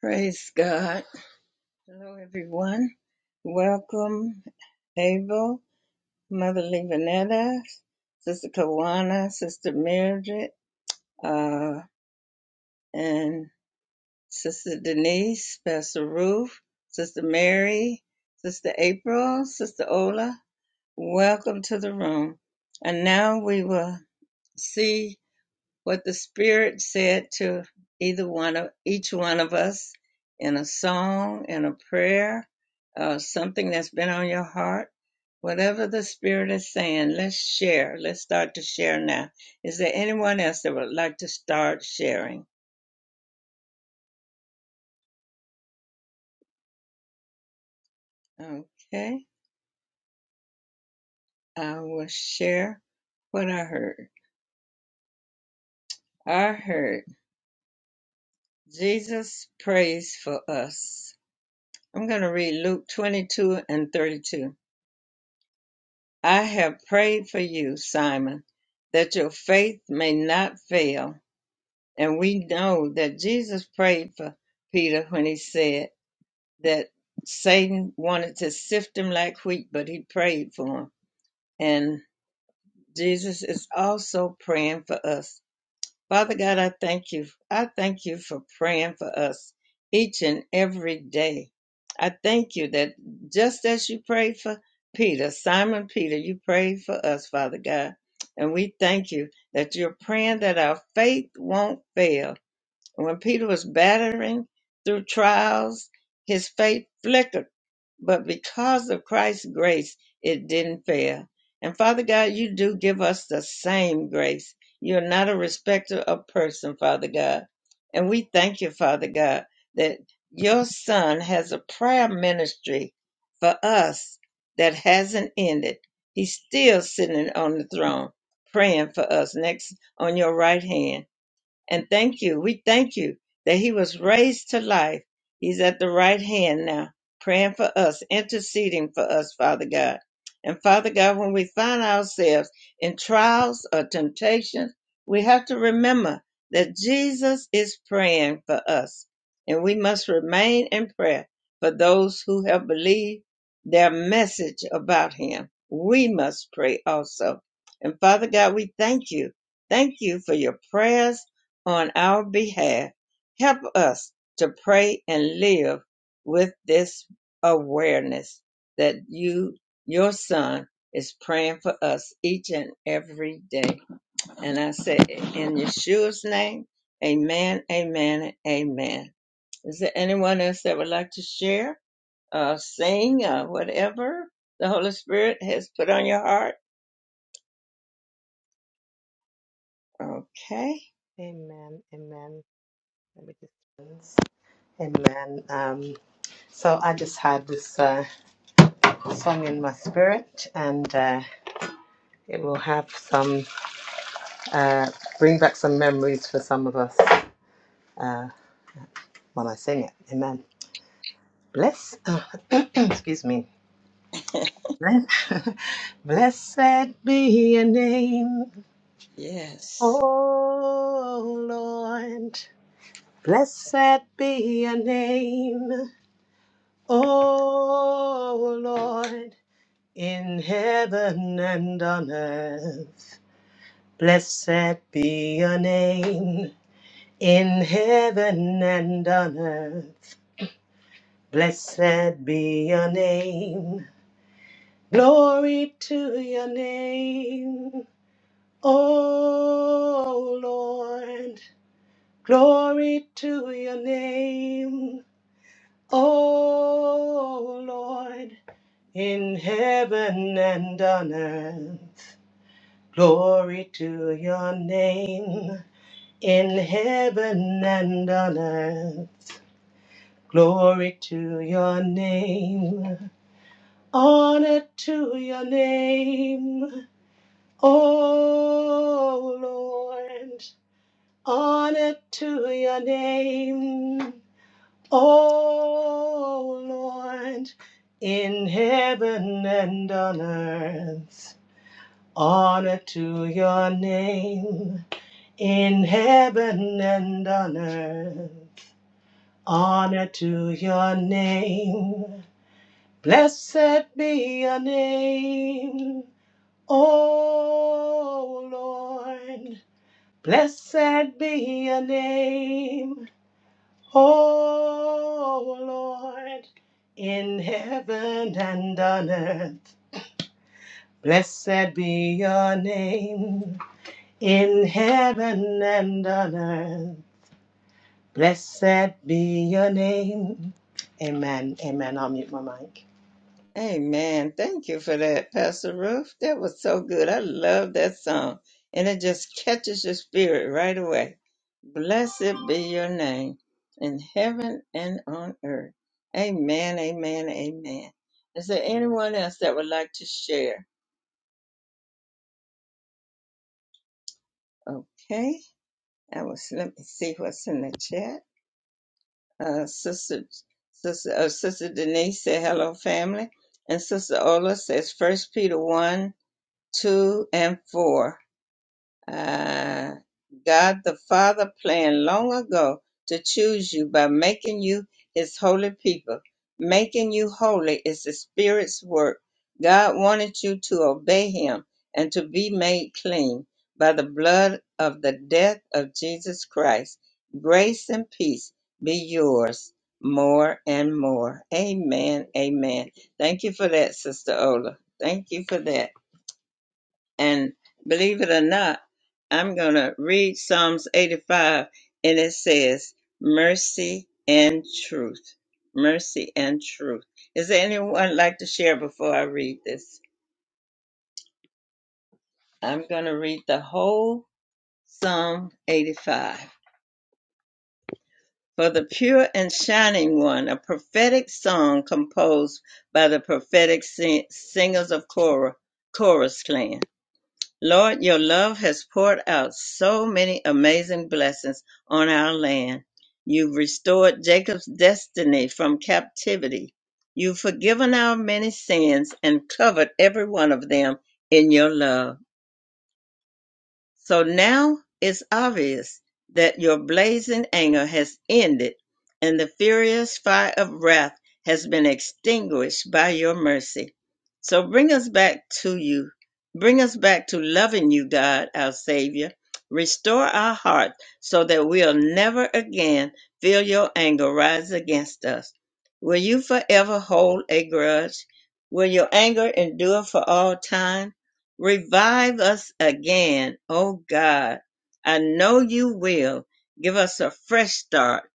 S1: Praise God. Hello, everyone. Welcome, Abel, Mother Levanetta, Sister Kawana, Sister Mildred, uh, and Sister Denise, Pastor Ruth, Sister Mary, Sister April, Sister Ola, Welcome to the room. And now we will see what the Spirit said to either one of each one of us in a song, in a prayer, uh, something that's been on your heart. Whatever the Spirit is saying, let's share. Let's start to share now. Is there anyone else that would like to start sharing? Okay, I will share what I heard. I heard Jesus prays for us. I'm going to read Luke 22 and 32. I have prayed for you, Simon, that your faith may not fail. And we know that Jesus prayed for Peter when he said that Satan wanted to sift him like wheat, but he prayed for him. And Jesus is also praying for us Father God, I thank you. I thank you for praying for us each and every day. I thank you that just as you prayed for Peter, Simon Peter, you prayed for us, Father God. And we thank you that you're praying that our faith won't fail. And when Peter was battering through trials, his faith flickered but because of Christ's grace, it didn't fail. And Father God, you do give us the same grace. You're not a respecter of person, Father God. And we thank you, Father God, that your son has a prayer ministry for us that hasn't ended. He's still sitting on the throne praying for us next on your right hand. And thank you. We thank you that he was raised to life. He's at the right hand now, praying for us, interceding for us, Father God. And Father God, when we find ourselves in trials or temptations, we have to remember that Jesus is praying for us. And we must remain in prayer for those who have believed their message about him. We must pray also. And Father God, we thank you. Thank you for your prayers on our behalf. Help us to pray and live with this awareness that you, your son, is praying for us each and every day. And I say, in Yeshua's name, amen, amen, amen. Is there anyone else that would like to share, uh, sing, uh, whatever the Holy Spirit has put on your heart? Okay.
S5: Amen. Amen. Let me just. Amen. Um, so I just had this uh, song in my spirit, and uh, it will have some uh, bring back some memories for some of us uh, when I sing it. Amen. Bless. excuse me. Bless. Blessed be your name,
S1: Yes.
S5: O Lord. Blessed be your name, O Lord. in heaven and on earth. Blessed be your name in heaven and on earth. Blessed be your name. Glory to your name. O Lord. Glory to your name. O Lord. In heaven and on earth. Glory to your name in heaven and on earth. Glory to your name. Honor to your name. Oh Lord. Honor to your name. Oh Lord. In heaven and on earth. Honor to your name. in heaven and on earth. Honor to your name. Blessed be your name, O Lord. Blessed be your name, O Lord, in heaven and on earth. Blessed be your name, in heaven and on earth. Blessed be your name. Amen. Amen. I'll mute my mic.
S1: Amen. Thank you for that, Pastor Ruth. That was so good. I love that song. And it just catches your spirit right away. Blessed be your name in heaven and on earth. Amen, amen, amen. Is there anyone else that would like to share? Okay. I was let me see what's in the chat. Uh sister sister uh, sister Denise said hello family. And Sister Ola says first Peter one, two, and four. Uh, God the Father planned long ago to choose you by making you his holy people. Making you holy is the Spirit's work. God wanted you to obey him and to be made clean by the blood of the death of Jesus Christ. Grace and peace be yours more and more. Amen. Amen. Thank you for that, Sister Ola. Thank you for that. And believe it or not, I'm going to read Psalms 85, and it says, Mercy and truth. Mercy and truth. Is there anyone like to share before I read this? I'm going to read the whole Psalm 85. For the pure and shining one, a prophetic song composed by the prophetic sing- singers of Korah, Chorus Clan. Lord, your love has poured out so many amazing blessings on our land. You've restored Jacob's destiny from captivity. You've forgiven our many sins and covered every one of them in your love. So now it's obvious that your blazing anger has ended and the furious fire of wrath has been extinguished by your mercy. So bring us back to you. Bring us back to loving you, God, our Savior. Restore our hearts so that we'll never again feel your anger rise against us. Will you forever hold a grudge? Will your anger endure for all time? Revive us again, O God. I know you will. Give us a fresh start.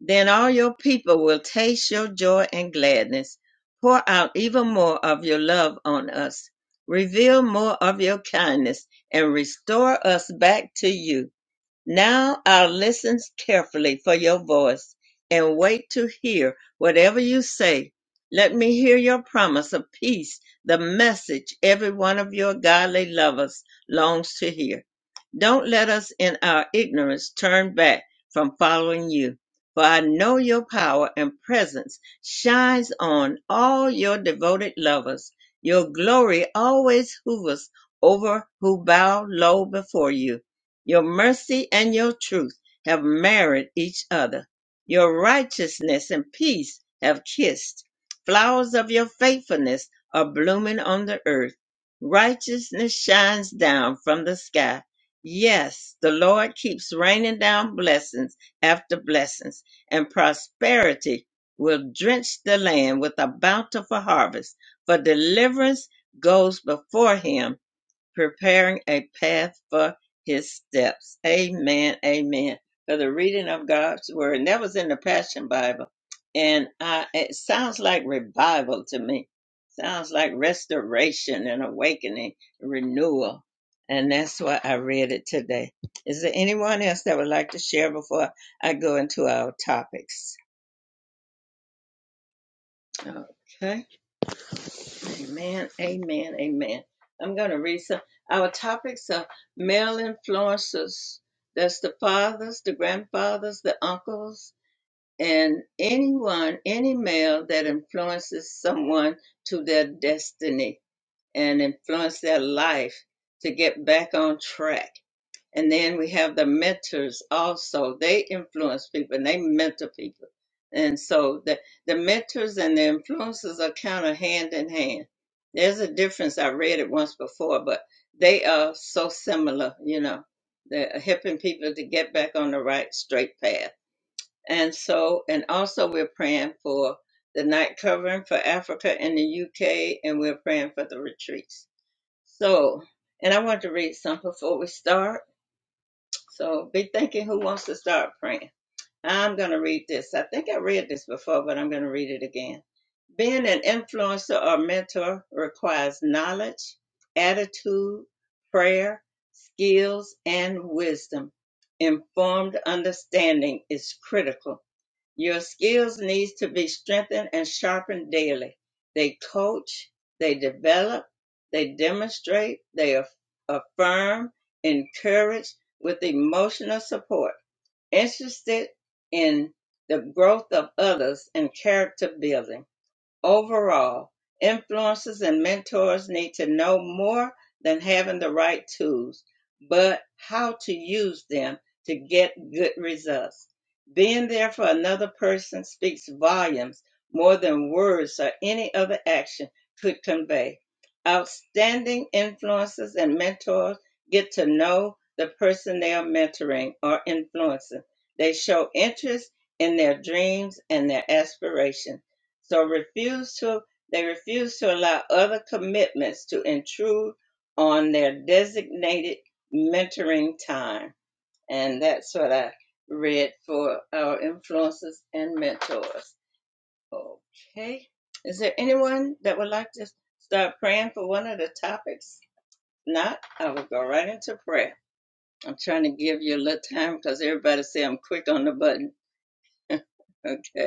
S1: Then all your people will taste your joy and gladness. Pour out even more of your love on us. Reveal more of your kindness and restore us back to you. Now I'll listen carefully for your voice and wait to hear whatever you say. Let me hear your promise of peace, the message every one of your godly lovers longs to hear. Don't let us in our ignorance turn back from following you, for I know your power and presence shines on all your devoted lovers. Your glory always hovers over who bow low before you your mercy and your truth have married each other. Your righteousness and peace have kissed. Flowers of your faithfulness are blooming on the earth. Righteousness shines down from the sky. Yes, the Lord keeps raining down blessings after blessings, and prosperity will drench the land with a bountiful harvest, for deliverance goes before him preparing a path for his steps. Amen. Amen. For the reading of God's word. And that was in the Passion Bible. And I, it sounds like revival to me. Sounds like restoration and awakening, renewal. And that's why I read it today. Is there anyone else that would like to share before I go into our topics? Okay. Amen, amen, amen. I'm going to read some. Our topics are male influences. That's the fathers, the grandfathers, the uncles, and anyone, any male that influences someone to their destiny and influence their life to get back on track. And then we have the mentors also. They influence people and they mentor people. And so the, the mentors and the influencers are kind of hand in hand. There's a difference. I read it once before, but they are so similar, you know. They're helping people to get back on the right straight path. And so, and also we're praying for the night covering for Africa and the UK, and we're praying for the retreats. So, and I want to read something before we start. So be thinking who wants to start praying. I'm going to read this. I think I read this before, but I'm going to read it again. Being an influencer or mentor requires knowledge, attitude, prayer, skills, and wisdom. Informed understanding is critical your skills needs to be strengthened and sharpened daily. They coach, they develop, they demonstrate, they aff- affirm, encourage with emotional support, interested in the growth of others and character building. Overall, influencers and mentors need to know more than having the right tools, but how to use them to get good results. Being there for another person speaks volumes more than words or any other action could convey. Outstanding influencers and mentors get to know the person they are mentoring or influencing. They show interest in their dreams and their aspirations so refuse to they refuse to allow other commitments to intrude on their designated mentoring time. And that's what I read for our influencers and mentors. Okay. Is there anyone that would like to start praying for one of the topics? Not, I will go right into prayer. I'm trying to give you a little time because everybody say I'm quick on the button. Okay.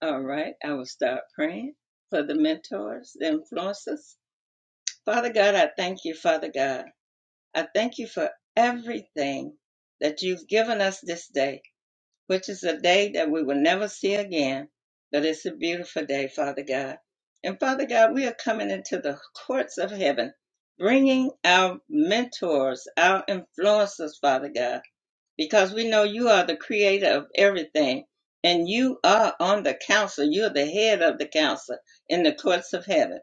S1: All right, I will start praying for the mentors, the influencers. Father God, I thank you, Father God. I thank you for everything that you've given us this day, which is a day that we will never see again. But it's a beautiful day, Father God. And Father God, we are coming into the courts of heaven, bringing our mentors, our influencers, Father God because we know you are the creator of everything and you are on the council. You're the head of the council in the courts of heaven.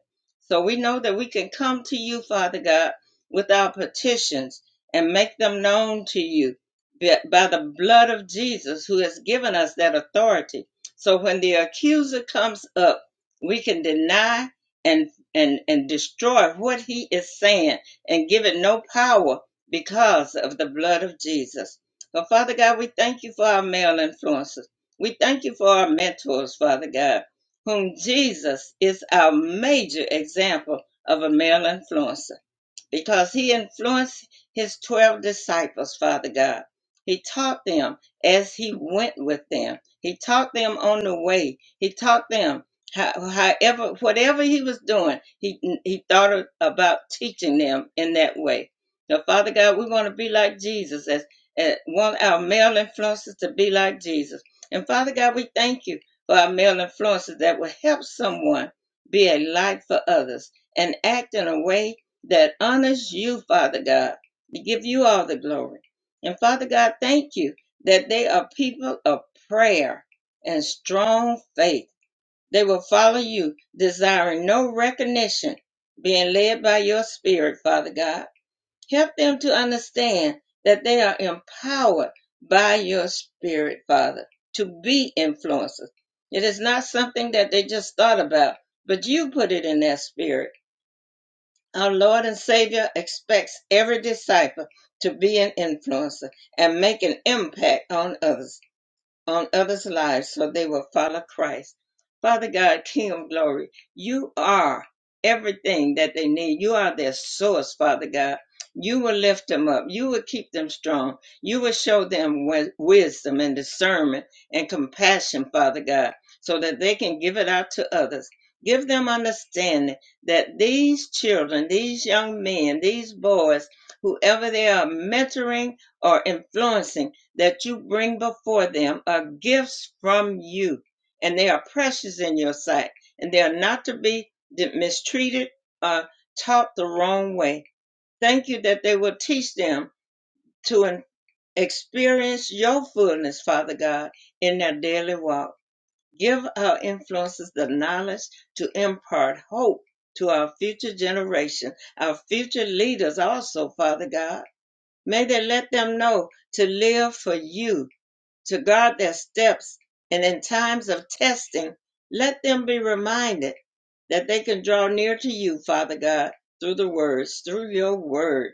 S1: So we know that we can come to you, Father God, with our petitions and make them known to you by by the blood of Jesus who has given us that authority. So when the accuser comes up, we can deny and and and destroy what he is saying and give it no power because of the blood of Jesus. But Father God, we thank you for our male influences. We thank you for our mentors, Father God, whom Jesus is our major example of a male influencer because he influenced his 12 disciples, Father God. He taught them as he went with them. He taught them on the way. He taught them how, however, whatever he was doing, he, he thought of- about teaching them in that way. Now, Father God, we want to be like Jesus as, as want our male influences to be like Jesus. And Father God, we thank you for our male influences that will help someone be a light for others and act in a way that honors you, Father God. We give you all the glory. And Father God, thank you that they are people of prayer and strong faith. They will follow you, desiring no recognition, being led by your spirit, Father God. Help them to understand that they are empowered by your spirit, Father, to be influencers. It is not something that they just thought about, but you put it in their spirit our Lord and Savior expects every disciple to be an influencer and make an impact on others on others' lives so they will follow Christ. Father God, King of glory, you are everything that they need. You are their source, Father God. You will lift them up. You will keep them strong. You will show them wi- wisdom and discernment and compassion, Father God, so that they can give it out to others. Give them understanding that these children, these young men, these boys, whoever they are mentoring or influencing, that you bring before them are gifts from you, and they are precious in your sight, and they are not to be mistreated or taught the wrong way. Thank you that they will teach them to experience your fullness, Father God, in their daily walk. Give our influences the knowledge to impart hope to our future generation, our future leaders also, Father God. May they let them know to live for you to guard their steps, and in times of testing, let them be reminded that they can draw near to you, Father God, through the words, through your word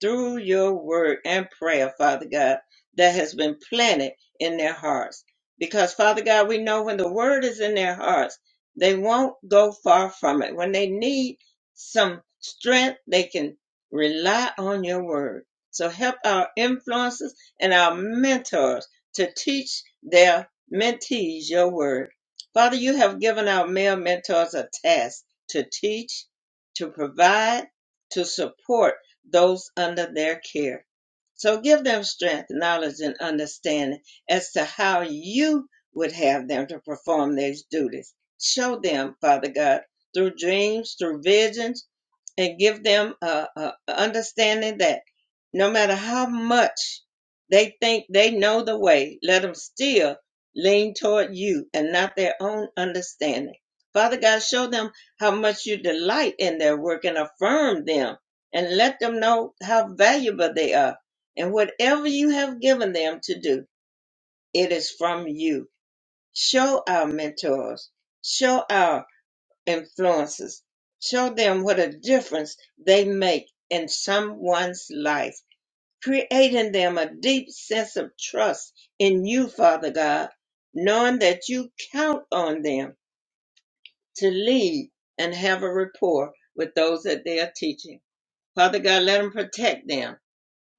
S1: through your word and prayer, Father God, that has been planted in their hearts. Because, Father God, we know when the word is in their hearts, they won't go far from it. When they need some strength, they can rely on your word. So help our influences and our mentors to teach their mentees your word. Father, you have given our male mentors a task to teach, to provide, to support those under their care. So give them strength, knowledge, and understanding as to how you would have them to perform these duties. Show them, Father God, through dreams, through visions, and give them a, a understanding that no matter how much they think they know the way, let them still lean toward you and not their own understanding. Father God, show them how much you delight in their work and affirm them and let them know how valuable they are. And whatever you have given them to do, it is from you. Show our mentors, show our influences. Show them what a difference they make in someone's life, creating them a deep sense of trust in you, Father God, knowing that you count on them to lead and have a rapport with those that they are teaching. Father God, let them protect them.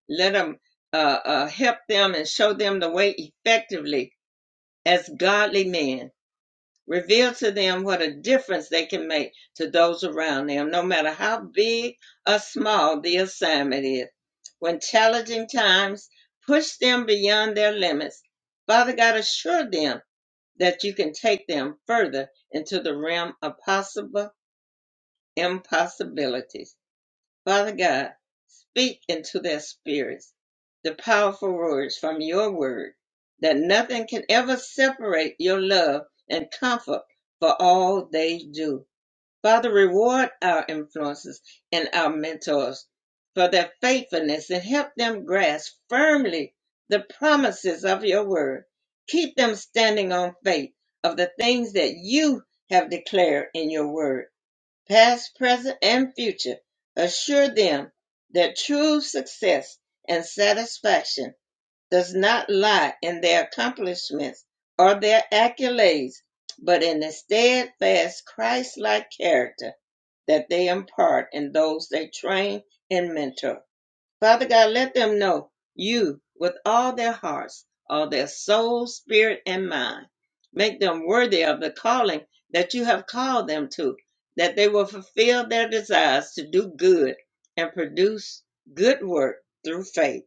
S1: Let them uh, uh, help them and show them the way effectively as godly men Reveal to them what a difference they can make to those around them, no matter how big or small the assignment is. When challenging times push them beyond their limits, Father God, assure them that you can take them further into the realm of possible impossibilities. Father God, speak into their spirits the powerful words from your word that nothing can ever separate your love and comfort for all they do. Father, reward our influences and our mentors for their faithfulness and help them grasp firmly the promises of your word. Keep them standing on faith of the things that you have declared in your word past, present, and future, assure them that true success and satisfaction does not lie in their accomplishments or their accolades, but in the steadfast Christ-like character that they impart in those they train and mentor. Father God, let them know you with all their hearts, all their soul, spirit, and mind. Make them worthy of the calling that you have called them to, that they will fulfill their desires to do good and produce good work through faith.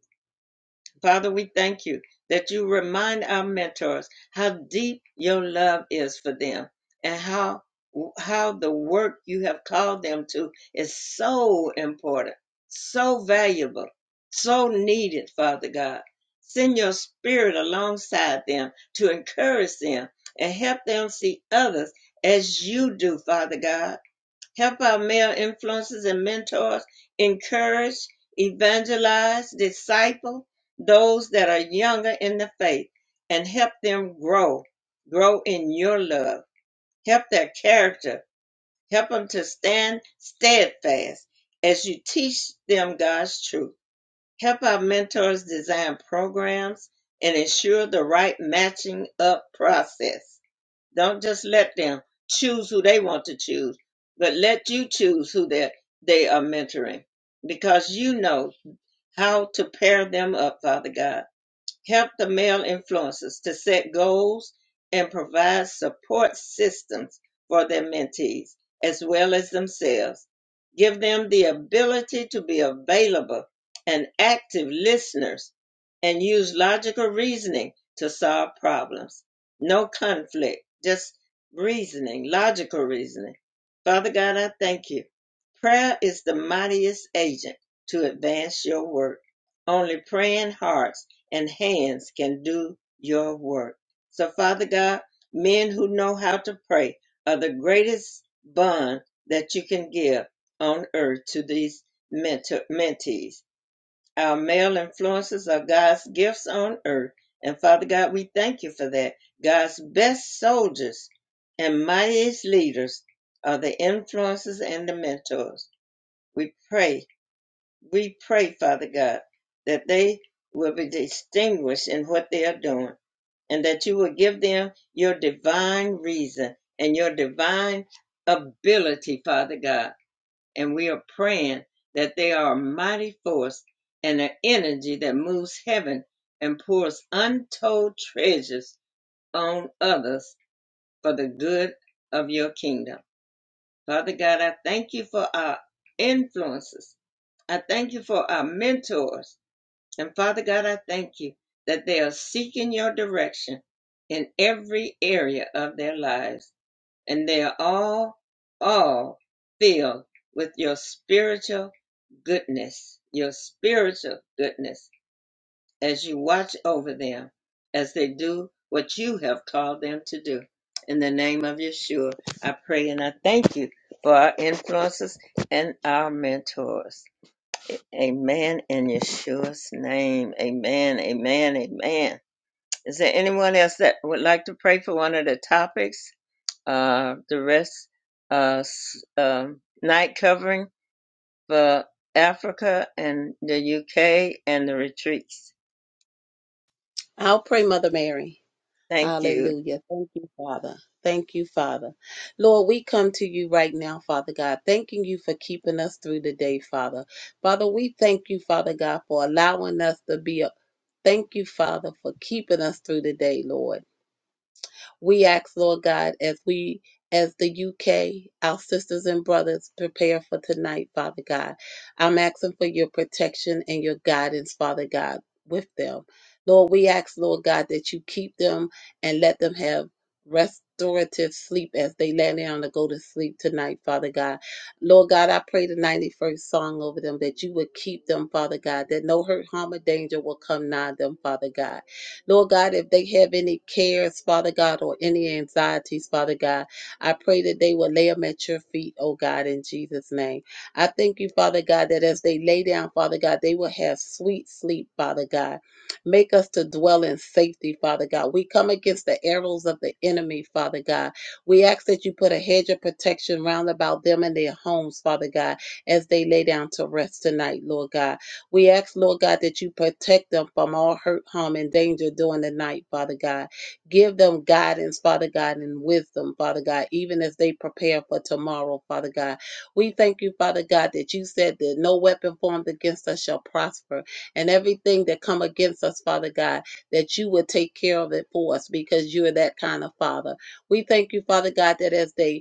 S1: Father, we thank you that you remind our mentors how deep your love is for them and how how the work you have called them to is so important, so valuable, so needed, Father God. Send your spirit alongside them to encourage them and help them see others as you do, Father God Help our male influences and mentors encourage, evangelize, disciple those that are younger in the faith and help them grow, grow in your love. Help their character. Help them to stand steadfast as you teach them God's truth. Help our mentors design programs and ensure the right matching up process don't just let them choose who they want to choose, but let you choose who they they are mentoring because you know how to pair them up, Father God help the male influencers to set goals and provide support systems for their mentees as well as themselves. Give them the ability to be available and active listeners and use logical reasoning to solve problems. No conflict, just reasoning, logical reasoning. Father God, I thank you. Prayer is the mightiest agent to advance your work. Only praying hearts and hands can do your work. So, Father God, men who know how to pray are the greatest bond that you can give on earth to these mentor, mentees. Our male influences are God's gifts on earth. And Father God, we thank you for that. God's best soldiers and mightiest leaders are the influences and the mentors. We pray we pray, Father God, that they will be distinguished in what they are doing and that you will give them your divine reason and your divine ability, Father God. And we are praying that they are a mighty force and an energy that moves heaven and pours untold treasures on others for the good of your kingdom. Father God, I thank you for our influences. I thank you for our mentors. And Father God, I thank you that they are seeking your direction in every area of their lives. And they are all, all filled with your spiritual goodness, your spiritual goodness as you watch over them as they do what you have called them to do. In the name of Yeshua, I pray and I thank you for our influences and our mentors. Amen. In Yeshua's name. Amen. Amen. Amen. Is there anyone else that would like to pray for one of the topics? Uh, the rest, uh, s- um, night covering for Africa and the UK and the retreats.
S4: I'll pray, Mother Mary.
S1: Thank you.
S4: Hallelujah. Thank you, Father. Thank you, Father. Lord, we come to you right now, Father God, thanking you for keeping us through the day, Father. Father, we thank you, Father God, for allowing us to be a Thank you, Father, for keeping us through the day, Lord. We ask, Lord God, as we as the UK, our sisters and brothers prepare for tonight, Father God. I'm asking for your protection and your guidance, Father God, with them. Lord, we ask, Lord God, that you keep them and let them have restorative sleep as they lay down to go to sleep tonight, Father God. Lord God, I pray the 91st song over them that you would keep them, Father God, that no hurt, harm, or danger will come nigh them, Father God Lord God, if they have any cares, Father God, or any anxieties, Father God, I pray that they will lay them at your feet, oh God, in Jesus' name. I thank you, Father God, that as they lay down, Father God, they will have sweet sleep, Father God. Make us to dwell in safety, Father God. We come against the arrows of the enemy, Father God. We ask that you put a hedge of protection round about them and their homes, Father God, as they lay down to rest tonight, Lord God. We ask, Lord God, that you protect them from all hurt, harm, and danger during the night, Father God. Give them guidance, Father God, and wisdom, Father God, even as they prepare for tomorrow, Father God. We thank you, Father God, that you said that no weapon formed against us shall prosper, and everything that come against us, Father God, that you will take care of it for us because you are that kind of Father. We thank you, Father God, that as they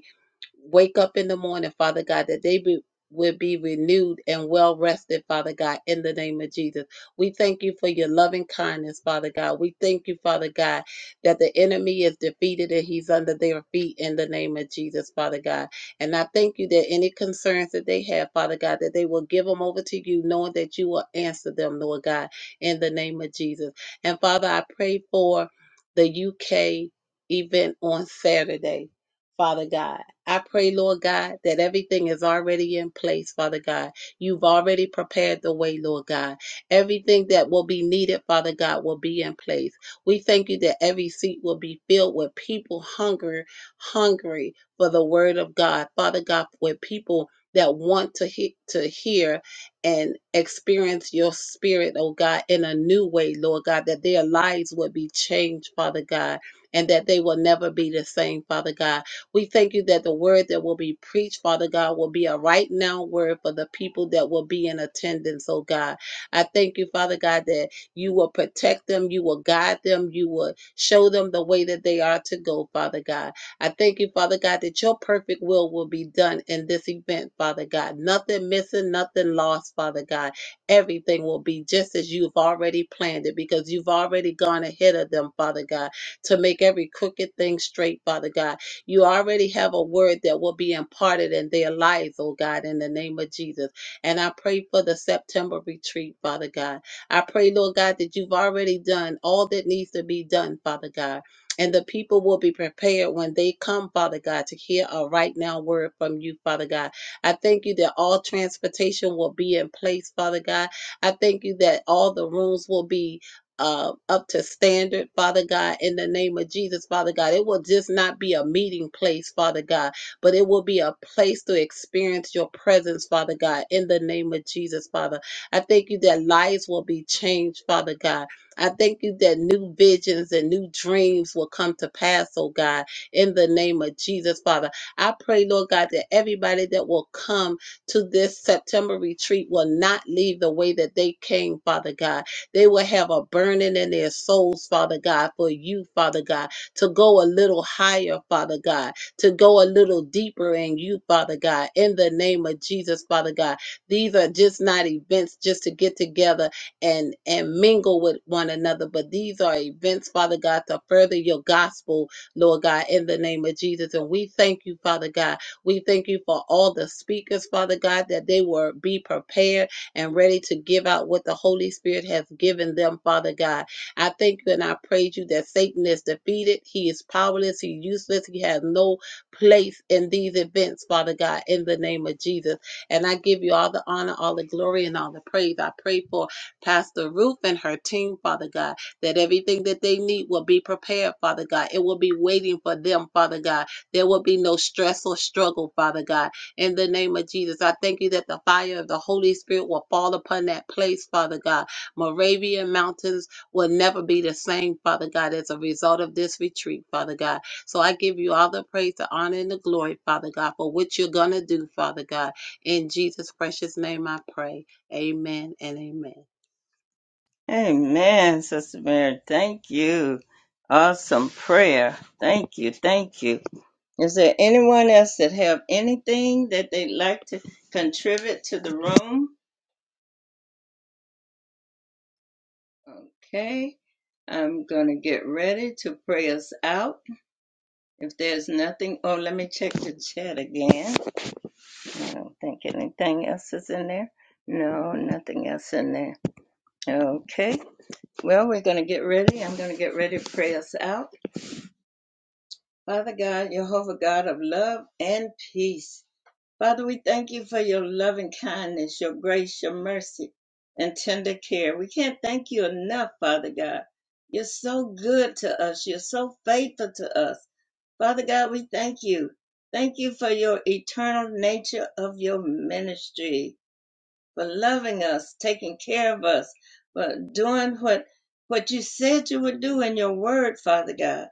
S4: wake up in the morning, Father God, that they be, will be renewed and well rested, Father God, in the name of Jesus. We thank you for your loving kindness, Father God. We thank you, Father God, that the enemy is defeated and he's under their feet in the name of Jesus, Father God. And I thank you that any concerns that they have, Father God, that they will give them over to you, knowing that you will answer them, Lord God, in the name of Jesus. And Father, I pray for the UK event on Saturday, Father God. I pray, Lord God, that everything is already in place, Father God. You've already prepared the way, Lord God. Everything that will be needed, Father God, will be in place. We thank you that every seat will be filled with people hunger, hungry for the word of God, Father God, with people that want to he- to hear and experience your spirit, oh God, in a new way, Lord God, that their lives would be changed, Father God, and that they will never be the same, Father God we thank you that the word that will be preached, Father God, will be a right now word for the people that will be in attendance, oh God. I thank you, Father God, that you will protect them, you will guide them, you will show them the way that they are to go, Father God. I thank you, Father God, that your perfect will will be done in this event, Father God. Nothing missing, nothing lost, Father God. Everything will be just as you've already planned it because you've already gone ahead of them, Father God, to make every crooked thing straight, Father God you already have a word that will be imparted in their lives, oh God, in the name of Jesus. And I pray for the September retreat, Father God. I pray, Lord God, that you've already done all that needs to be done, Father God. And the people will be prepared when they come, Father God, to hear a right now word from you, Father God. I thank you that all transportation will be in place, Father God. I thank you that all the rooms will be uh, up to standard, Father God, in the name of Jesus, Father God. It will just not be a meeting place, Father God, but it will be a place to experience your presence, Father God, in the name of Jesus, Father. I thank you that lives will be changed, Father God. I thank you that new visions and new dreams will come to pass, oh God, in the name of Jesus, Father. I pray, Lord God, that everybody that will come to this September retreat will not leave the way that they came, Father God they will have a burning in their souls, Father God, for you, Father God, to go a little higher, Father God, to go a little deeper in you, Father God, in the name of Jesus, Father God. These are just not events just to get together and, and mingle with one another, but these are events, Father God, to further your gospel, Lord God, in the name of Jesus. And we thank you, Father God. We thank you for all the speakers, Father God, that they will be prepared and ready to give out what the Holy Spirit has given them, Father God. I thank you and I praise you that Satan is defeated. He is powerless. He's useless. He has no place in these events, Father God, in the name of Jesus. And I give you all the honor, all the glory, and all the praise. I pray for Pastor Ruth and her team, Father God, that everything that they need will be prepared, Father God. It will be waiting for them, Father God. There will be no stress or struggle, Father God in the name of Jesus. I thank you that the fire of the Holy Spirit will fall upon that place, Father God. Moravian Mountains will never be the same, Father God, as a result of this retreat, Father God. So I give you all the praise, the honor, and the glory, Father God, for what you're going to do, Father God. In Jesus' precious name I pray. Amen and amen.
S1: Amen, Sister Mary. Thank you. Awesome prayer. Thank you. Thank you. Is there anyone else that have anything that they'd like to contribute to the room? Okay. I'm going to get ready to pray us out. If there's nothing, oh, let me check the chat again. I don't think anything else is in there. No, nothing else in there. Okay. Well, we're going to get ready. I'm going to get ready to pray us out. Father God, Jehovah God of love and peace. Father, we thank you for your loving kindness, your grace, your mercy, and tender care. We can't thank you enough, Father God. You're so good to us. You're so faithful to us. Father God, we thank you. Thank you for your eternal nature of your ministry for loving us, taking care of us, for doing what what you said you would do in your word, Father God.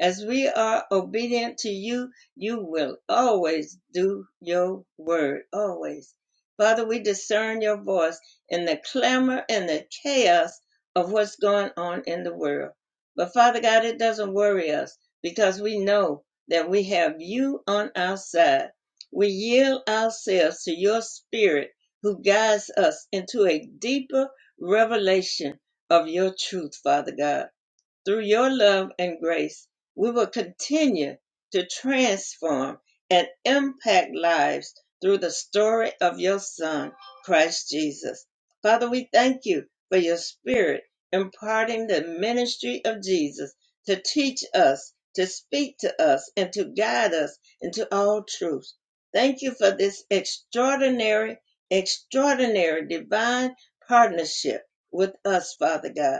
S1: As we are obedient to you, you will always do your word, always. Father, we discern your voice in the clamor and the chaos of what's going on in the world. But Father God, it doesn't worry us because we know that we have you on our side. We yield ourselves to your spirit who guides us into a deeper revelation of your truth, Father God. Through your love and grace, we will continue to transform and impact lives through the story of your Son, Christ Jesus. Father, we thank you for your Spirit imparting the ministry of Jesus to teach us, to speak to us, and to guide us into all truth. Thank you for this extraordinary, extraordinary divine partnership with us, Father God.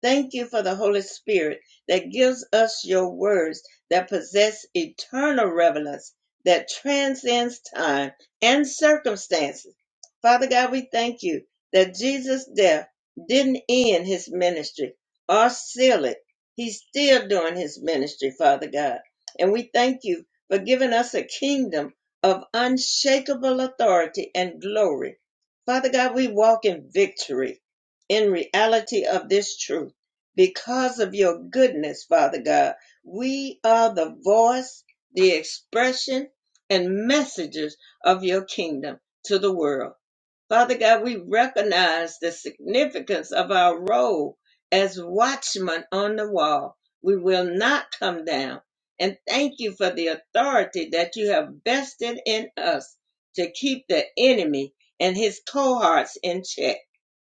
S1: Thank you for the Holy Spirit that gives us your words that possess eternal relevance that transcends time and circumstances. Father God, we thank you that Jesus' death didn't end his ministry or seal it. He's still doing his ministry, Father God. And we thank you for giving us a kingdom of unshakable authority and glory. Father God, we walk in victory in reality of this truth because of your goodness, Father God. We are the voice, the expression, and messengers of your kingdom to the world. Father God, we recognize the significance of our role as watchmen on the wall. We will not come down. And thank you for the authority that you have vested in us to keep the enemy and his cohorts in check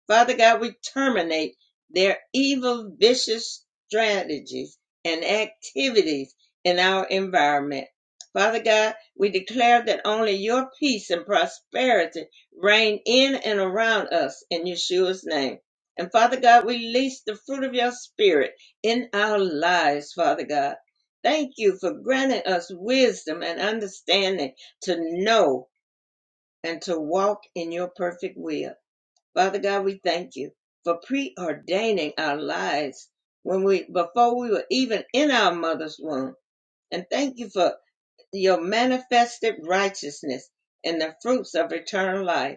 S1: Father God, we terminate their evil, vicious strategies and activities in our environment. Father God, we declare that only your peace and prosperity reign in and around us in Yeshua's name. And Father God, we release the fruit of your spirit in our lives, Father God. Thank you for granting us wisdom and understanding to know and to walk in your perfect will. Father God, we thank you for preordaining our lives when we before we were even in our mother's womb. And thank you for your manifested righteousness and the fruits of eternal life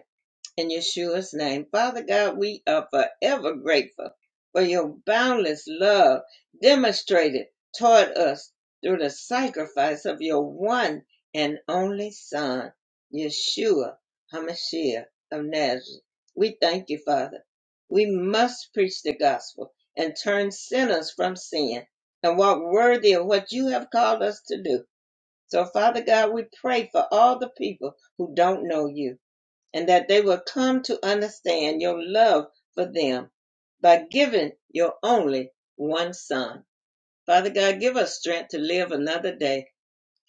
S1: in Yeshua's name. Father God, we are forever grateful for your boundless love demonstrated toward us through the sacrifice of your one and only Son, Yeshua HaMashiach of Nazareth. We thank you, Father. We must preach the gospel and turn sinners from sin and walk worthy of what you have called us to do. So, Father God, we pray for all the people who don't know you and that they will come to understand your love for them by giving your only one son. Father God, give us strength to live another day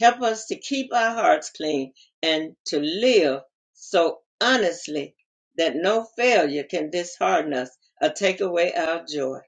S1: Help us to keep our hearts clean and to live so honestly that no failure can dishearten us or take away our joy.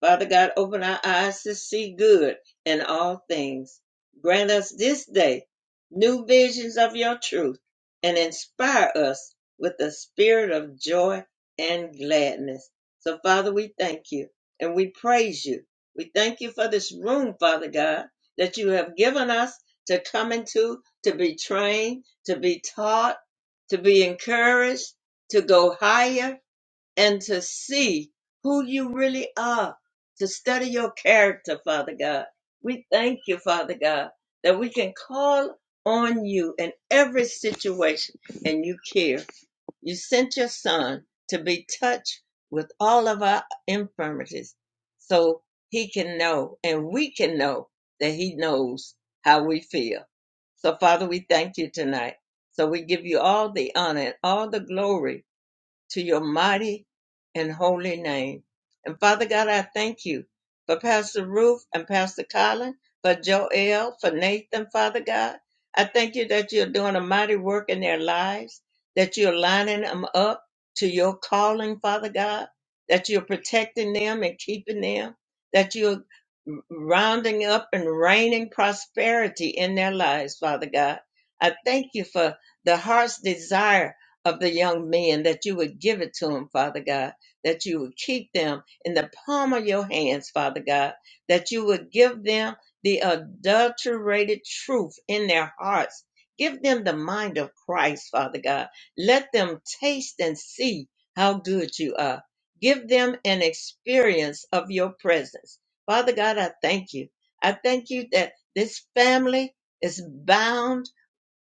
S1: Father God, open our eyes to see good in all things. Grant us this day new visions of your truth and inspire us with the spirit of joy and gladness. So, Father, we thank you and we praise you. We thank you for this room, Father God, that you have given us to come into, to be trained, to be taught, to be encouraged, to go higher and to see who you really are, to study your character, Father God. We thank you, Father God, that we can call on you in every situation and you care. You sent your son to be touched with all of our infirmities so he can know and we can know that he knows how we feel. So, Father, we thank you tonight. So, we give you all the honor and all the glory to your mighty and holy name. And Father God, I thank you for Pastor Ruth and Pastor Colin, for Joel, for Nathan, Father God. I thank you that you're doing a mighty work in their lives, that you're lining them up to your calling, Father God, that you're protecting them and keeping them, that you're rounding up and raining prosperity in their lives, Father God. I thank you for the heart's desire of the young men, that you would give it to them, Father God, that you would keep them in the palm of your hands, Father God, that you would give them the adulterated truth in their hearts. Give them the mind of Christ, Father God. Let them taste and see how good you are. Give them an experience of your presence. Father God, I thank you. I thank you that this family is bound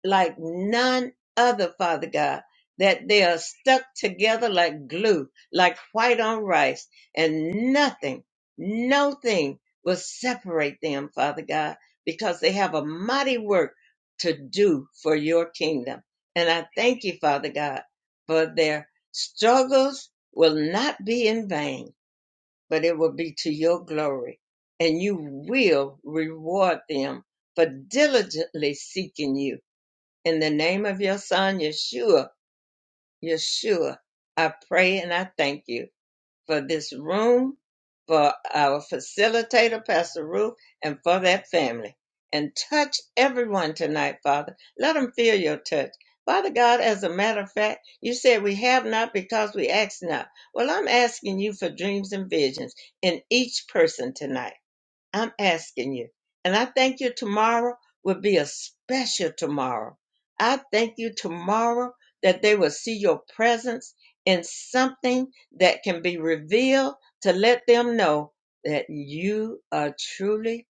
S1: like none other, Father God, that they are stuck together like glue, like white on rice, and nothing, no thing will separate them, Father God, because they have a mighty work to do for your kingdom. And I thank you, Father God, for their struggles will not be in vain, but it will be to your glory. And you will reward them for diligently seeking you in the name of your son, Yeshua, Yeshua, I pray and I thank you for this room, for our facilitator, Pastor Ruth, and for that family. And touch everyone tonight, Father. Let them feel your touch. Father God, as a matter of fact, you said we have not because we ask not. Well, I'm asking you for dreams and visions in each person tonight. I'm asking you. And I thank you tomorrow will be a special tomorrow. I thank you tomorrow that they will see your presence in something that can be revealed to let them know that you are truly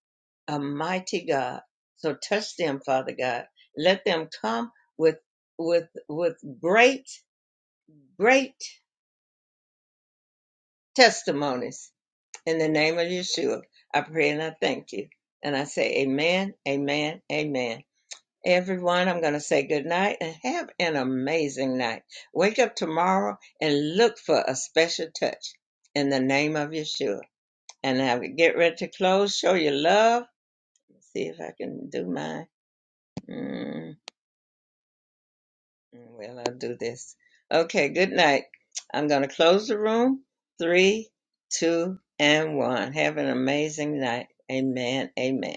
S1: a mighty God. So touch them, Father God. Let them come with with with great, great testimonies In the name of Yeshua, I pray and I thank you. And I say amen, amen, amen. Everyone, I'm going to say good night and have an amazing night. Wake up tomorrow and look for a special touch in the name of Yeshua. And I get ready to close. Show your love. Let's See if I can do mine. Mm, well, I'll do this. Okay, good night. I'm going to close the room. Three, two, and one. Have an amazing night. Amen, amen.